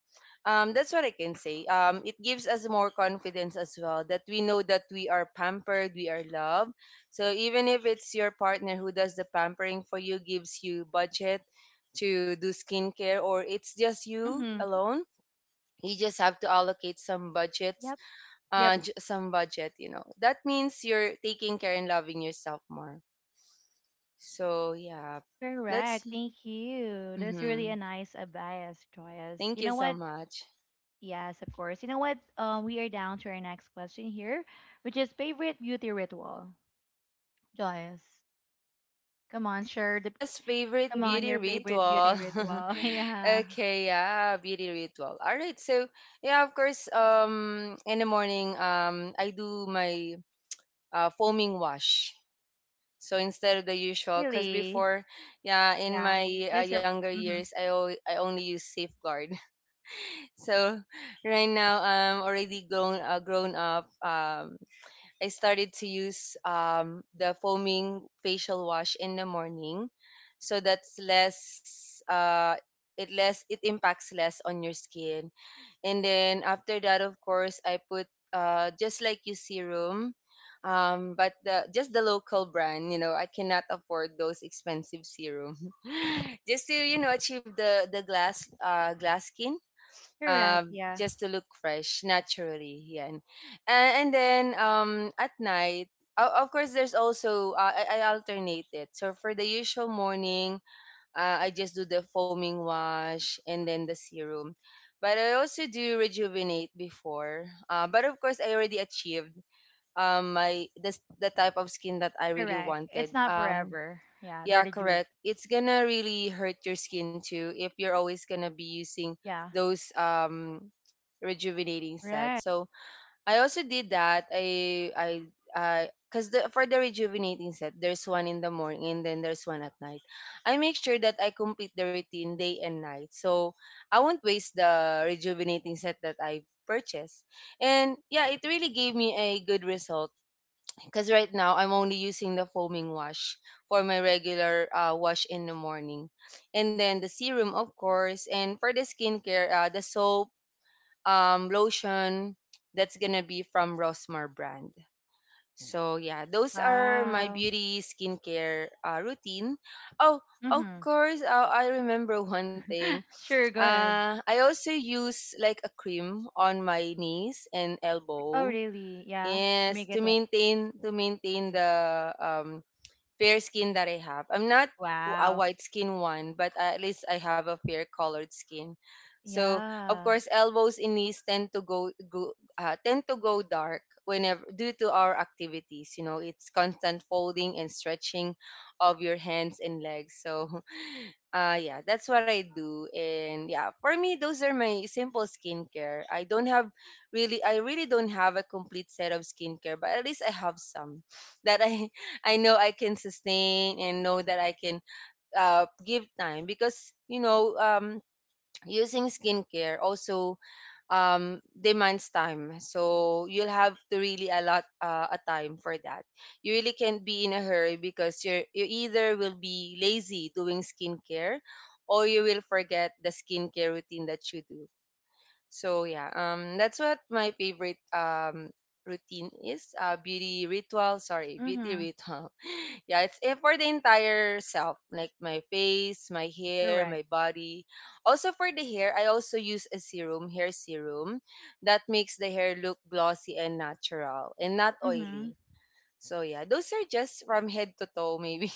[SPEAKER 2] that's what I can say. It gives us more confidence as well that we know that we are pampered, we are loved. So even if it's your partner who does the pampering for you, gives you budget to do skincare, or it's just you
[SPEAKER 1] Mhm.
[SPEAKER 2] alone. You just have to allocate some budgets,
[SPEAKER 1] Yep. Yep.
[SPEAKER 2] some budget, you know. That means you're taking care and loving yourself more. So, yeah, that's.
[SPEAKER 1] Correct. Thank you. That's really
[SPEAKER 2] Mhm.
[SPEAKER 1] a nice advice, Joyce.
[SPEAKER 2] Thank
[SPEAKER 1] You
[SPEAKER 2] you
[SPEAKER 1] know
[SPEAKER 2] so
[SPEAKER 1] what?
[SPEAKER 2] much.
[SPEAKER 1] Yes, of course. You know what? We are down to our next question here, which is favorite beauty ritual, Joyce. Come on, share the
[SPEAKER 2] Yes, favorite
[SPEAKER 1] come on
[SPEAKER 2] beauty
[SPEAKER 1] your favorite
[SPEAKER 2] ritual.
[SPEAKER 1] beauty
[SPEAKER 2] (laughs)
[SPEAKER 1] ritual. (laughs) Yeah.
[SPEAKER 2] Okay, yeah, beauty ritual. All right, so yeah, of course, in the morning, I do my foaming wash. So instead of the usual, because
[SPEAKER 1] Really.
[SPEAKER 2] before, yeah, in
[SPEAKER 1] Yeah.
[SPEAKER 2] my
[SPEAKER 1] It's your
[SPEAKER 2] younger
[SPEAKER 1] hmm
[SPEAKER 2] years, I only use Safeguard. (laughs) So right now, I'm already grown up. I started to use the foaming facial wash in the morning, so that's less. Uh, it impacts less on your skin. And then after that, of course, I put just like you serum, just the local brand. You know, I cannot afford those expensive serum. (laughs) Just to you know achieve the glass skin,
[SPEAKER 1] correct, yeah.
[SPEAKER 2] just to look fresh naturally. Yan. And then at night, of course, there's also I alternate it. So for the usual morning, I just do the foaming wash and then the serum. But I also do rejuvenate before. But of course, I already achieved the type of skin that I really
[SPEAKER 1] Correct.
[SPEAKER 2] wanted.
[SPEAKER 1] It's not forever. Yeah, they're
[SPEAKER 2] Yeah,
[SPEAKER 1] the juve.
[SPEAKER 2] correct. It's gonna really hurt your skin too if you're always gonna be using
[SPEAKER 1] Yeah.
[SPEAKER 2] those rejuvenating set.
[SPEAKER 1] Right.
[SPEAKER 2] So I also did that. I because for the rejuvenating set, there's one in the morning and then there's one at night. I make sure that I complete the routine day and night, so I won't waste the rejuvenating set that I purchased. And yeah, it really gave me a good result because right now I'm only using the foaming wash for my regular wash in the morning, and then the serum, of course, and for the skincare, the soap, lotion. That's gonna be from Rosmar brand. So yeah, those are my
[SPEAKER 1] Wow.
[SPEAKER 2] beauty skincare routine. Oh, of
[SPEAKER 1] Mm-hmm.
[SPEAKER 2] course, I remember (laughs) one thing.
[SPEAKER 1] (laughs) Sure, go ahead.
[SPEAKER 2] I also use like a cream on my knees and
[SPEAKER 1] Oh
[SPEAKER 2] elbow.
[SPEAKER 1] really? Yeah. To make
[SPEAKER 2] Yes,
[SPEAKER 1] it
[SPEAKER 2] to
[SPEAKER 1] o-
[SPEAKER 2] maintain the um fair skin that I have. I'm not a
[SPEAKER 1] wow.
[SPEAKER 2] white skin one, but at least I have a fair colored skin. So of
[SPEAKER 1] Yeah.
[SPEAKER 2] course, elbows and knees tend to go dark whenever due to our activities. You know, it's constant folding and stretching of your hands and legs. So yeah, that's what I do. And yeah, for me, those are my simple skincare. I don't have really, I really don't have a complete set of skincare, but at least I have some that (laughs) I know I can sustain and know that I can give time because, you know, using skincare also demands time. So you'll have to really allot a time for that. You really can't be in a hurry because you either will be lazy doing skincare, or you will forget the skincare routine that you do. So yeah, that's what my favorite routine is. Beauty ritual. Sorry, beauty
[SPEAKER 1] Mm-hmm.
[SPEAKER 2] ritual. (laughs) Yeah, it for the entire self, like my face, my hair, my
[SPEAKER 1] Correct.
[SPEAKER 2] body. Also for the hair, I also use a serum, hair serum, that makes the hair look glossy and natural and not
[SPEAKER 1] Mm-hmm.
[SPEAKER 2] oily. So yeah, those are just from head to toe, maybe.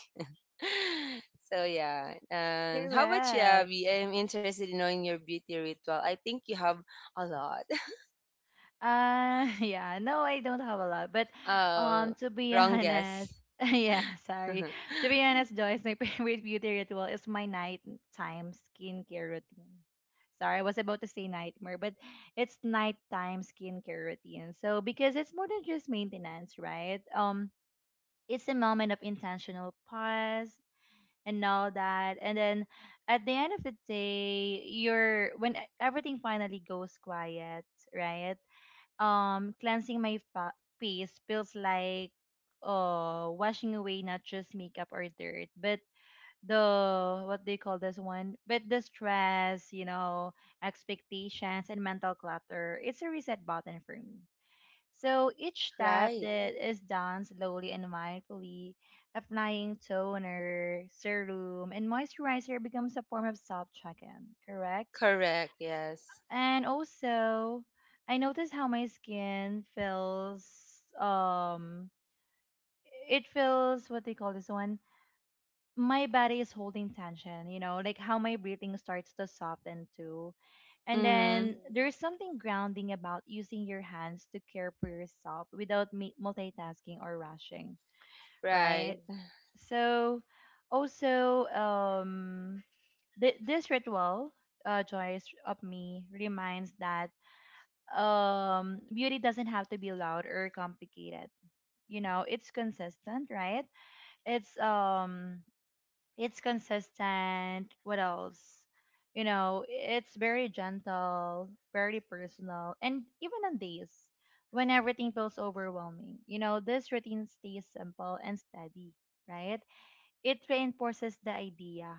[SPEAKER 2] (laughs) So yeah. And how about you,
[SPEAKER 1] Correct.
[SPEAKER 2] Abby? I'm interested in knowing your beauty ritual. I think you have a lot. (laughs)
[SPEAKER 1] (laughs) Yeah, no, I don't have a lot, but
[SPEAKER 2] Oh,
[SPEAKER 1] to be
[SPEAKER 2] wrong guess.
[SPEAKER 1] honest, (laughs) yeah, sorry.
[SPEAKER 2] (laughs)
[SPEAKER 1] To be honest, Joyce, my (laughs) favorite beauty ritual is my nighttime skincare routine. Sorry, I was about to say nightmare, but it's nighttime skincare routine. So because it's more than just maintenance, right? It's a moment of intentional pause and all that, and then at the end of the day, you're when everything finally goes quiet, right? Cleansing my face feels like washing away not just makeup or dirt but the what do you call this one, but the stress, you know, expectations and mental clutter. It's a reset button for me. So each step
[SPEAKER 2] Right.
[SPEAKER 1] that is done slowly and mindfully, applying toner, serum and moisturizer becomes a form of self check-in, correct.
[SPEAKER 2] Correct. Yes.
[SPEAKER 1] And also, I notice how my skin feels, um it feels what they call this one. My body is holding tension, you know, like how my breathing starts to soften too. And
[SPEAKER 2] Mm-hmm.
[SPEAKER 1] then there's something grounding about using your hands to care for yourself without multitasking or rushing,
[SPEAKER 2] Right.
[SPEAKER 1] right? Mm. So also, this ritual, joys of me, reminds that beauty doesn't have to be loud or complicated. You know, it's consistent, right? It's it's consistent, what else? You know, it's very gentle, very personal, and even on days when everything feels overwhelming, you know, this routine stays simple and steady, right? It reinforces the idea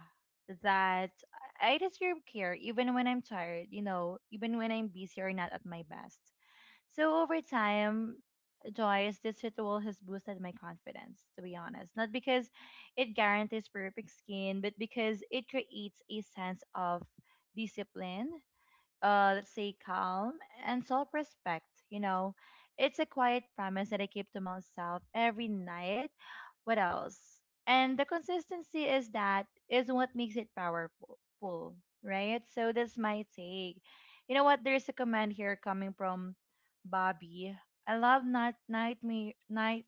[SPEAKER 1] that I deserve care even when I'm tired, you know, even when I'm busy or not at my best. So over time, Joyce, this ritual has boosted my confidence, to be honest. Not because it guarantees perfect skin, but because it creates a sense of discipline, let's say calm, and self respect. You know, it's a quiet promise that I keep to myself every night. What else? And the consistency is that is what makes it powerful, right? So that's my take. You know what? There's a comment here coming from Bobby. I love nighttime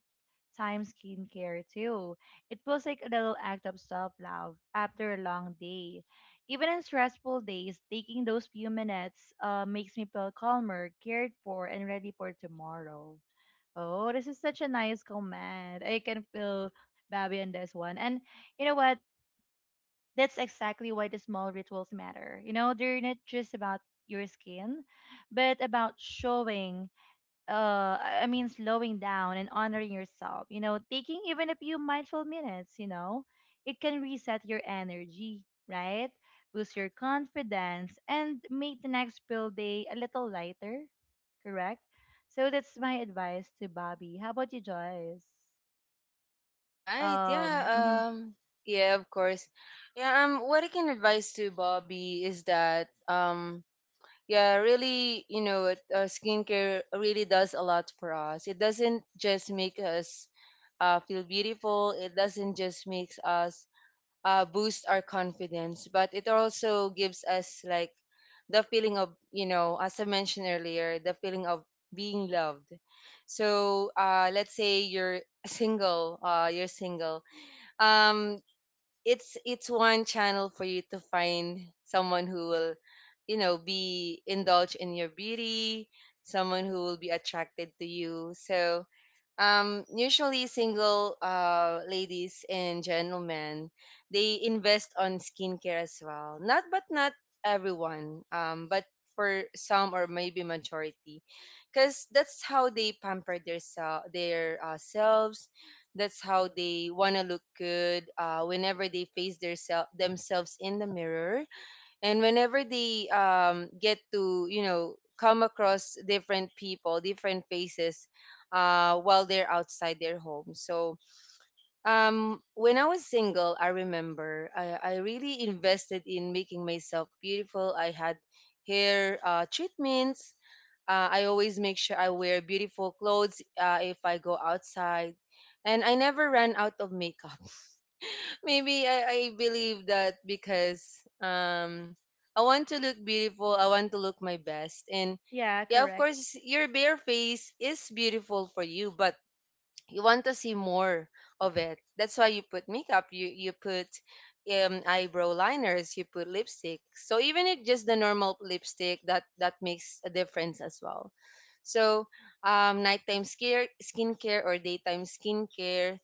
[SPEAKER 1] skincare too. It feels like a little act of self love after a long day. Even in stressful days, taking those few minutes makes me feel calmer, cared for, and ready for tomorrow. Oh, this is such a nice comment. I can feel Babi on this one. And you know what? That's exactly why the small rituals matter. You know, they're not just about your skin, but about showing, I mean, slowing down and honoring yourself, you know, taking even a few mindful minutes, you know, it can reset your energy, right? Boost your confidence and make the next build day a little lighter, correct. So that's my advice to Bobby. How about you, Joyce?
[SPEAKER 2] Right. Yeah.
[SPEAKER 1] Mhm.
[SPEAKER 2] Um. Yeah. Of course. Yeah. What I can advise to Bobby is that yeah, really, you know, skincare really does a lot for us. It doesn't just make us feel beautiful, it doesn't just makes us boost our confidence, but it also gives us like the feeling of, you know, as I mentioned earlier, the feeling of being loved. So let's say you're single, um, it's one channel for you to find someone who will, you know, be indulge in your beauty, someone who will be attracted to you. So usually single ladies and gentlemen, they invest on skincare as well, not but not everyone, but for some or maybe majority, because that's how they pamper their selves. That's how they want to look good whenever they face themselves in the mirror, and whenever they get to, you know, come across different people, different faces, while they're outside their home. So when I was single, I remember I really invested in making myself beautiful. I had hair treatments, I always make sure I wear beautiful clothes if I go outside, and I never ran out of makeup. Maybe I believe that because um I want to look beautiful, I want to look my best. And
[SPEAKER 1] Yeah,
[SPEAKER 2] yeah, of
[SPEAKER 1] correct.
[SPEAKER 2] course your bare face is beautiful for you, but you want to see more of it. That's why you put makeup, you put eyebrow liners, you put lipstick. So even if just the normal lipstick, that makes a difference as well. So nighttime skincare or daytime skincare,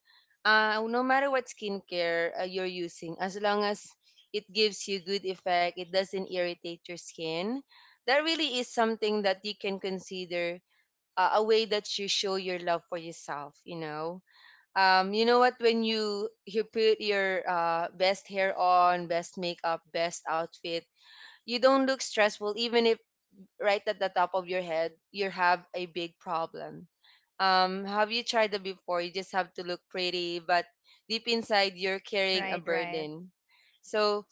[SPEAKER 2] no matter what skincare you're using, as long as it gives you good effect, it doesn't irritate your skin. That really is something that you can consider a way that you show your love for yourself, you know. Um, you know what, when you put your best hair on, best makeup, best outfit, you don't look stressful even if right at the top of your head you have a big problem. Um, have you tried that before? You just have to look pretty, but deep inside you're carrying a
[SPEAKER 1] Right, right.
[SPEAKER 2] burden. So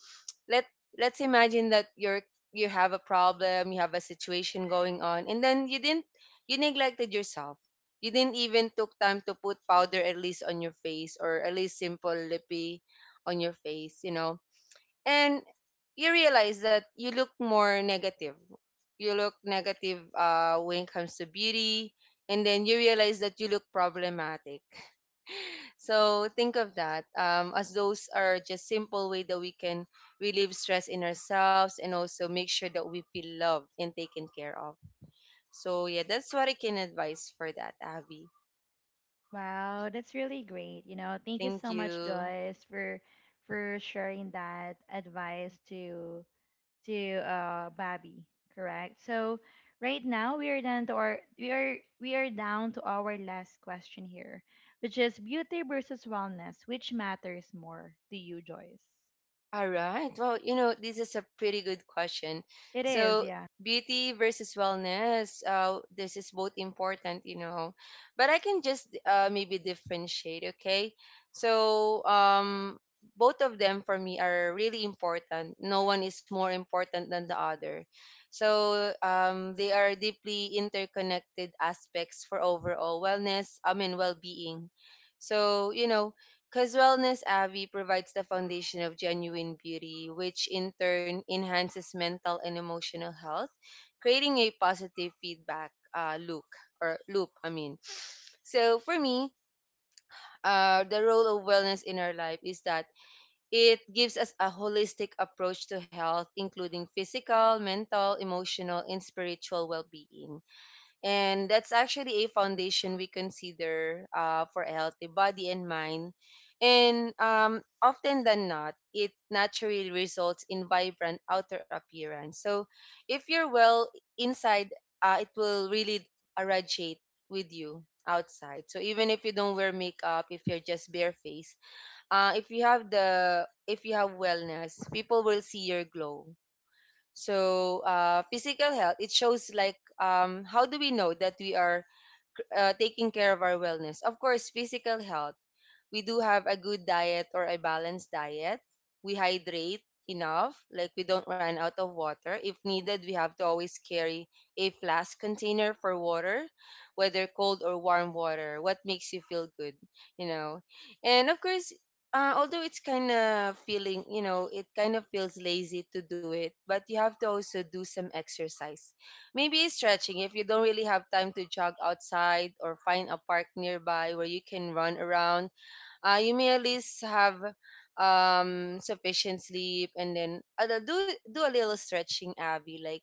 [SPEAKER 2] let let's imagine that you're you have a problem, you have a situation going on, and then you neglected yourself. You didn't even took time to put powder at least on your face, or at least simple lippy on your face, you know. And you realize that you look more negative. You look negative when it comes to beauty, and then you realize that you look problematic. So think of that as those are just simple way that we can relieve stress in ourselves and also make sure that we feel loved and taken care of. So yeah, that's what I can advise for that, Abby.
[SPEAKER 1] Wow, that's really great. You know, thank you
[SPEAKER 2] Thank
[SPEAKER 1] so much,
[SPEAKER 2] you.
[SPEAKER 1] Joyce, for sharing that advice to Bobby, correct? So right now we are down to our we are down to our last question here, which is beauty versus wellness, which matters more to you, Joyce?
[SPEAKER 2] All right. Well, you know, this is a pretty good question.
[SPEAKER 1] It
[SPEAKER 2] So,
[SPEAKER 1] is, yeah. (laughs)
[SPEAKER 2] beauty versus wellness, this is both important, you know, but I can just maybe differentiate, okay? So, both of them for me are really important. No one is more important than the other. So, they are deeply interconnected aspects for overall wellness, I mean, well being. So, you know, because Wellness Avi provides the foundation of genuine beauty, which in turn enhances mental and emotional health, creating a positive feedback loop or loop. I mean, so for me, the role of wellness in our life is that it gives us a holistic approach to health, including physical, mental, emotional, and spiritual well-being, and that's actually a foundation we consider for a healthy body and mind, and often than not it naturally results in vibrant outer appearance. So if you're well inside, it will really irradiate with you outside. So even if you don't wear makeup, if you're just barefaced, if you have wellness, people will see your glow. So physical health, it shows like, how do we know that we are taking care of our wellness? Of course, physical health, we do have a good diet or a balanced diet. We hydrate enough, like we don't run out of water. If needed, we have to always carry a flask container for water, whether cold or warm water. What makes you feel good, you know? And of course, although it kind of feels lazy to do it, but you have to also do some exercise. Maybe stretching, if you don't really have time to jog outside or find a park nearby where you can run around. Uh, you may at least have sufficient sleep, and then do a little stretching, abby, like,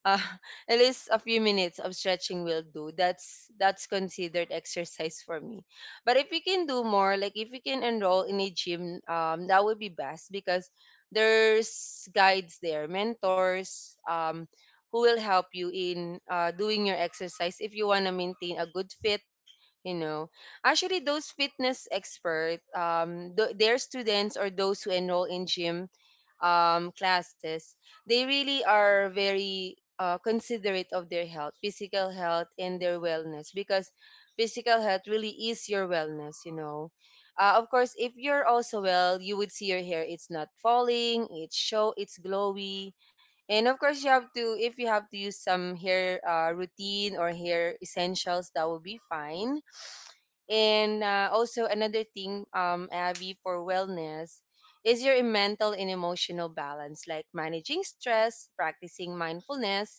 [SPEAKER 2] uh, (laughs) at least a few minutes of stretching will do. That's considered exercise for me, but if you can do more, like if you can enroll in a gym, that would be best because there's guides there, mentors, who will help you in doing your exercise if you want to maintain a good fit, you know. Actually, those fitness expert, their students or those who enroll in gym classes, they really are very considerate of their health, physical health, and their wellness, because physical health really is your wellness, you know. Uh, of course, if you're also well, you would see your hair, it's not falling, it's glowy. And of course, you have to, if you have to use some hair routine or hair essentials, that will be fine. And also another thing, Abby, for wellness is your mental and emotional balance, like managing stress, practicing mindfulness,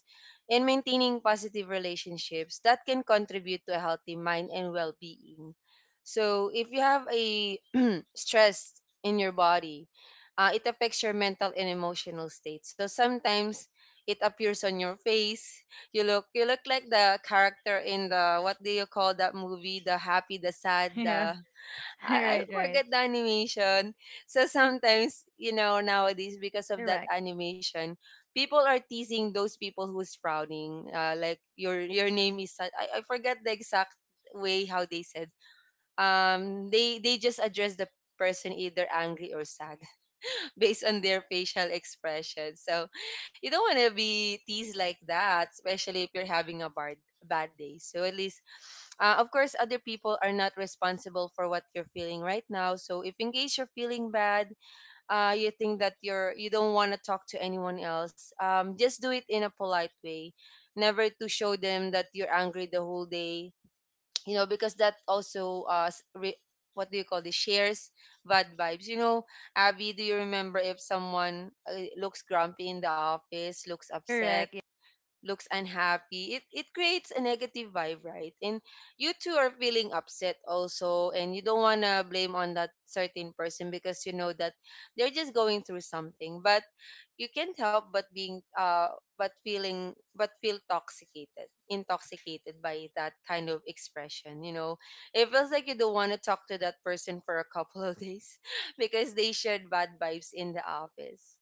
[SPEAKER 2] and maintaining positive relationships that can contribute to a healthy mind and well-being. So if you have a (clears throat) stress in your body, it affects your mental and emotional state. So sometimes it appears on your face, you look like the character in the, what do you call that movie? The happy, the sad,
[SPEAKER 1] Yeah.
[SPEAKER 2] the—
[SPEAKER 1] (laughs)
[SPEAKER 2] I
[SPEAKER 1] Right, right.
[SPEAKER 2] forget the animation. So sometimes, you know, nowadays because of that
[SPEAKER 1] Correct.
[SPEAKER 2] animation, people are teasing those people who's frowning. Like your name is sad. I forget the exact way how they said. They just address the person either angry or sad based on their facial expression. So you don't want to be teased like that, especially if you're having a bad day. So at least, of course, other people are not responsible for what you're feeling right now. So if in case you're feeling bad, you think that you don't want to talk to anyone else, just do it in a polite way. Never to show them that you're angry the whole day, you know, because that also what do you call this, shares bad vibes, you know. Abby, do you remember if someone looks grumpy in the office, looks upset,
[SPEAKER 1] Correct. Yeah.
[SPEAKER 2] looks unhappy, it creates a negative vibe, right? And you two are feeling upset also, and you don't want to blame on that certain person because you know that they're just going through something. But you can't help but feel intoxicated by that kind of expression. You know, it feels like you don't want to talk to that person for a couple of days (laughs) because they shared bad vibes in the office.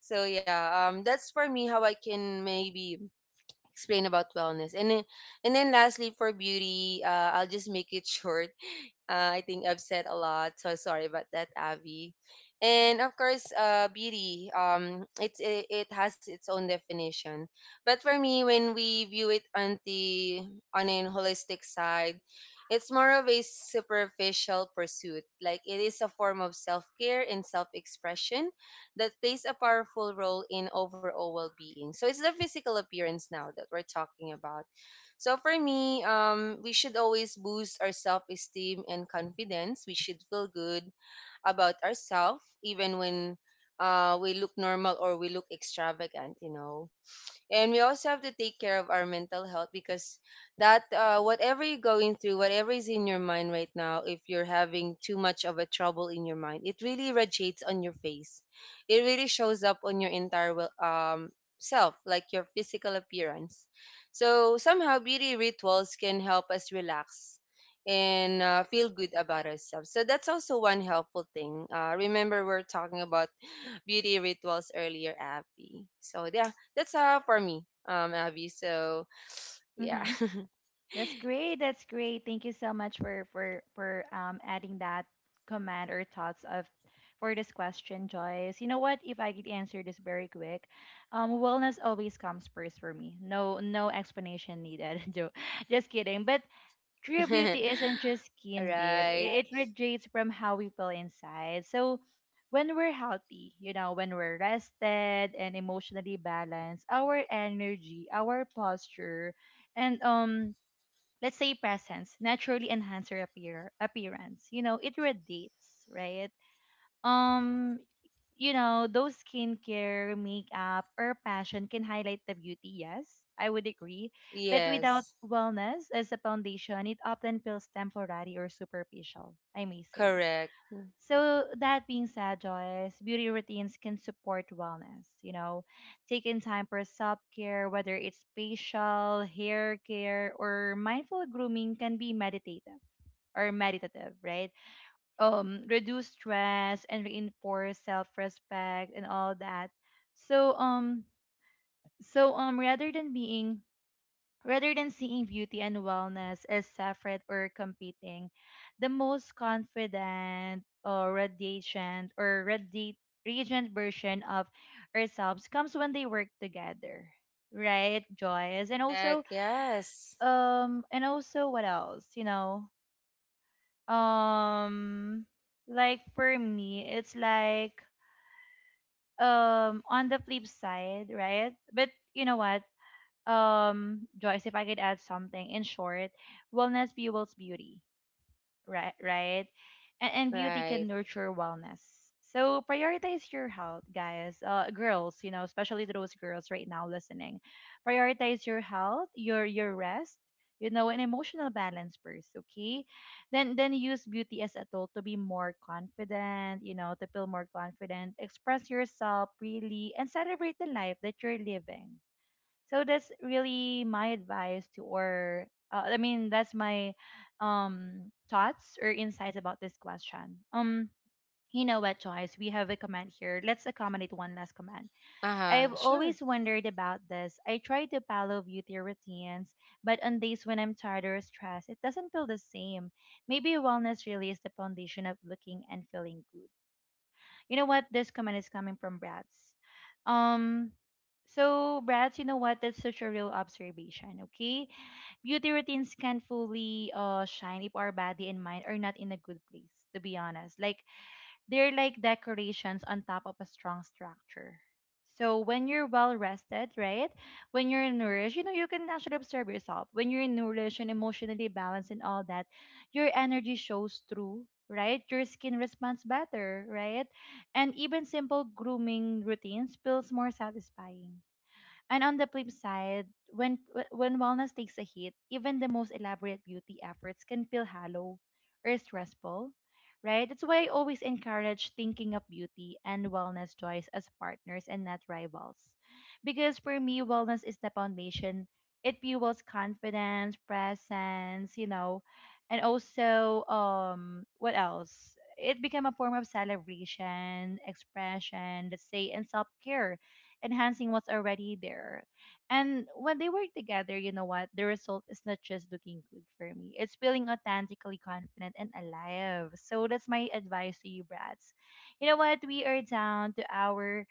[SPEAKER 2] So yeah, that's for me how I can maybe explain about wellness. And then lastly, for beauty, I'll just make it (laughs) short. Uh, I think I've said a lot, so sorry about that, Avi. And of course, beauty. It has its own definition, but for me, when we view it on an holistic side, it's more of a superficial pursuit. Like, it is a form of self care and self expression that plays a powerful role in overall well being. So it's the physical appearance now that we're talking about. So for me, we should always boost our self-esteem and confidence. We should feel good about ourselves, even when we look normal or we look extravagant. You know, and we also have to take care of our mental health, because that, whatever you're going through, whatever is in your mind right now, if you're having too much of a trouble in your mind, it really radiates on your face. It really shows up on your entire self, like your physical appearance. So somehow beauty rituals can help us relax and feel good about ourselves. So that's also one helpful thing. Remember, we're talking about beauty rituals earlier, Abby. So yeah, that's all for me, Abby. So yeah.
[SPEAKER 1] Mm-hmm. That's great. That's great. Thank you so much for adding that comment or thoughts of for this question, Joyce. You know what? If I could answer this very quick, wellness always comes first for me. No, no explanation needed. (laughs) Just kidding. But true beauty isn't
[SPEAKER 2] (laughs)
[SPEAKER 1] just
[SPEAKER 2] All
[SPEAKER 1] skin deep.
[SPEAKER 2] right.
[SPEAKER 1] It radiates from how we feel inside. So when we're healthy, you know, when we're rested and emotionally balanced, our energy, our posture, and let's say presence naturally enhance your appearance, you know, it radiates, right? Um, you know, those skincare, makeup or passion can highlight the beauty, yes, I would agree, but without
[SPEAKER 2] Yes.
[SPEAKER 1] wellness as a foundation it often feels temporary or superficial, I may say.
[SPEAKER 2] Correct.
[SPEAKER 1] So that being said, Joyce, beauty routines can support wellness, you know, taking time for self-care, whether it's facial, hair care, or mindful grooming, can be meditative or meditative, right? Reduce stress and reinforce self-respect and all that. So um, rather than seeing beauty and wellness as separate or competing, the most confident or radiant, radiant version of ourselves comes when they work together, right, Joyce?
[SPEAKER 2] Correct. Yes.
[SPEAKER 1] And also, what else? You know, um, like for me, it's like, um, on the flip side, right? But you know what? Um, Joyce, if I could add something, in short, wellness fuels beauty, right? Right, and beauty can
[SPEAKER 2] Right.
[SPEAKER 1] nurture wellness. So prioritize your health, guys, girls. You know, especially to those girls right now listening, prioritize your health, your rest. You know, an emotional balance first, okay? Then use beauty as a tool to be more confident. You know, to feel more confident, express yourself freely, and celebrate the life that you're living. So that's really my advice to, or I mean that's my thoughts or insights about this question. Um, you know what, Joyce? We have a comment here. Let's accommodate one last comment.
[SPEAKER 2] Uh huh.
[SPEAKER 1] I've
[SPEAKER 2] Sure.
[SPEAKER 1] always wondered about this. I try to follow beauty routines, but on days when I'm tired or stressed, it doesn't feel the same. Maybe wellness really is the foundation of looking and feeling good. You know what? This comment is coming from Brad's. Um, so Brad's, you know what? That's such a real observation. Okay, beauty routines can fully shine if our body and mind are not in a good place. To be honest, like they're like decorations on top of a strong structure. So when you're well rested, right? When you're nourished, you know, you can actually observe yourself. When you're nourished and emotionally balanced and all that, your energy shows through, right? Your skin responds better, right? And even simple grooming routines feels more satisfying. And on the flip side, when wellness takes a hit, even the most elaborate beauty efforts can feel hollow or stressful, right? That's why I always encourage thinking of beauty and wellness choice as partners and not rivals. Because for me, wellness is the foundation. It fuels confidence, presence, you know, and also, um, what else? It became a form of celebration, expression, let's say, and self care, enhancing what's already there. And when they work together, you know what? The result is not just looking good for me. It's feeling authentically confident and alive. So that's my advice to you, brats. You know what? We are down to our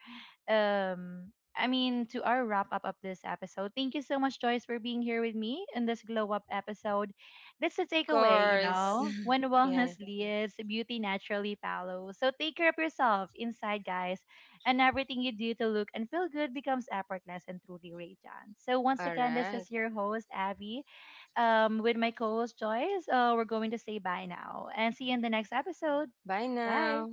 [SPEAKER 1] um I mean to our wrap up of this episode. Thank you so much, Joyce, for being here with me in this glow up episode. That's the
[SPEAKER 2] Of
[SPEAKER 1] takeaway, you
[SPEAKER 2] course.
[SPEAKER 1] know. When
[SPEAKER 2] (laughs) Yeah.
[SPEAKER 1] wellness leads, beauty naturally follows. So take care of yourself inside, guys, and everything you do to look and feel good becomes effortless and truly radiant. So once
[SPEAKER 2] All
[SPEAKER 1] again, this
[SPEAKER 2] right.
[SPEAKER 1] is your host Abby, um, with my co-host Joyce. We're going to say bye now and see you in the next episode.
[SPEAKER 2] Bye
[SPEAKER 1] Bye.
[SPEAKER 2] now.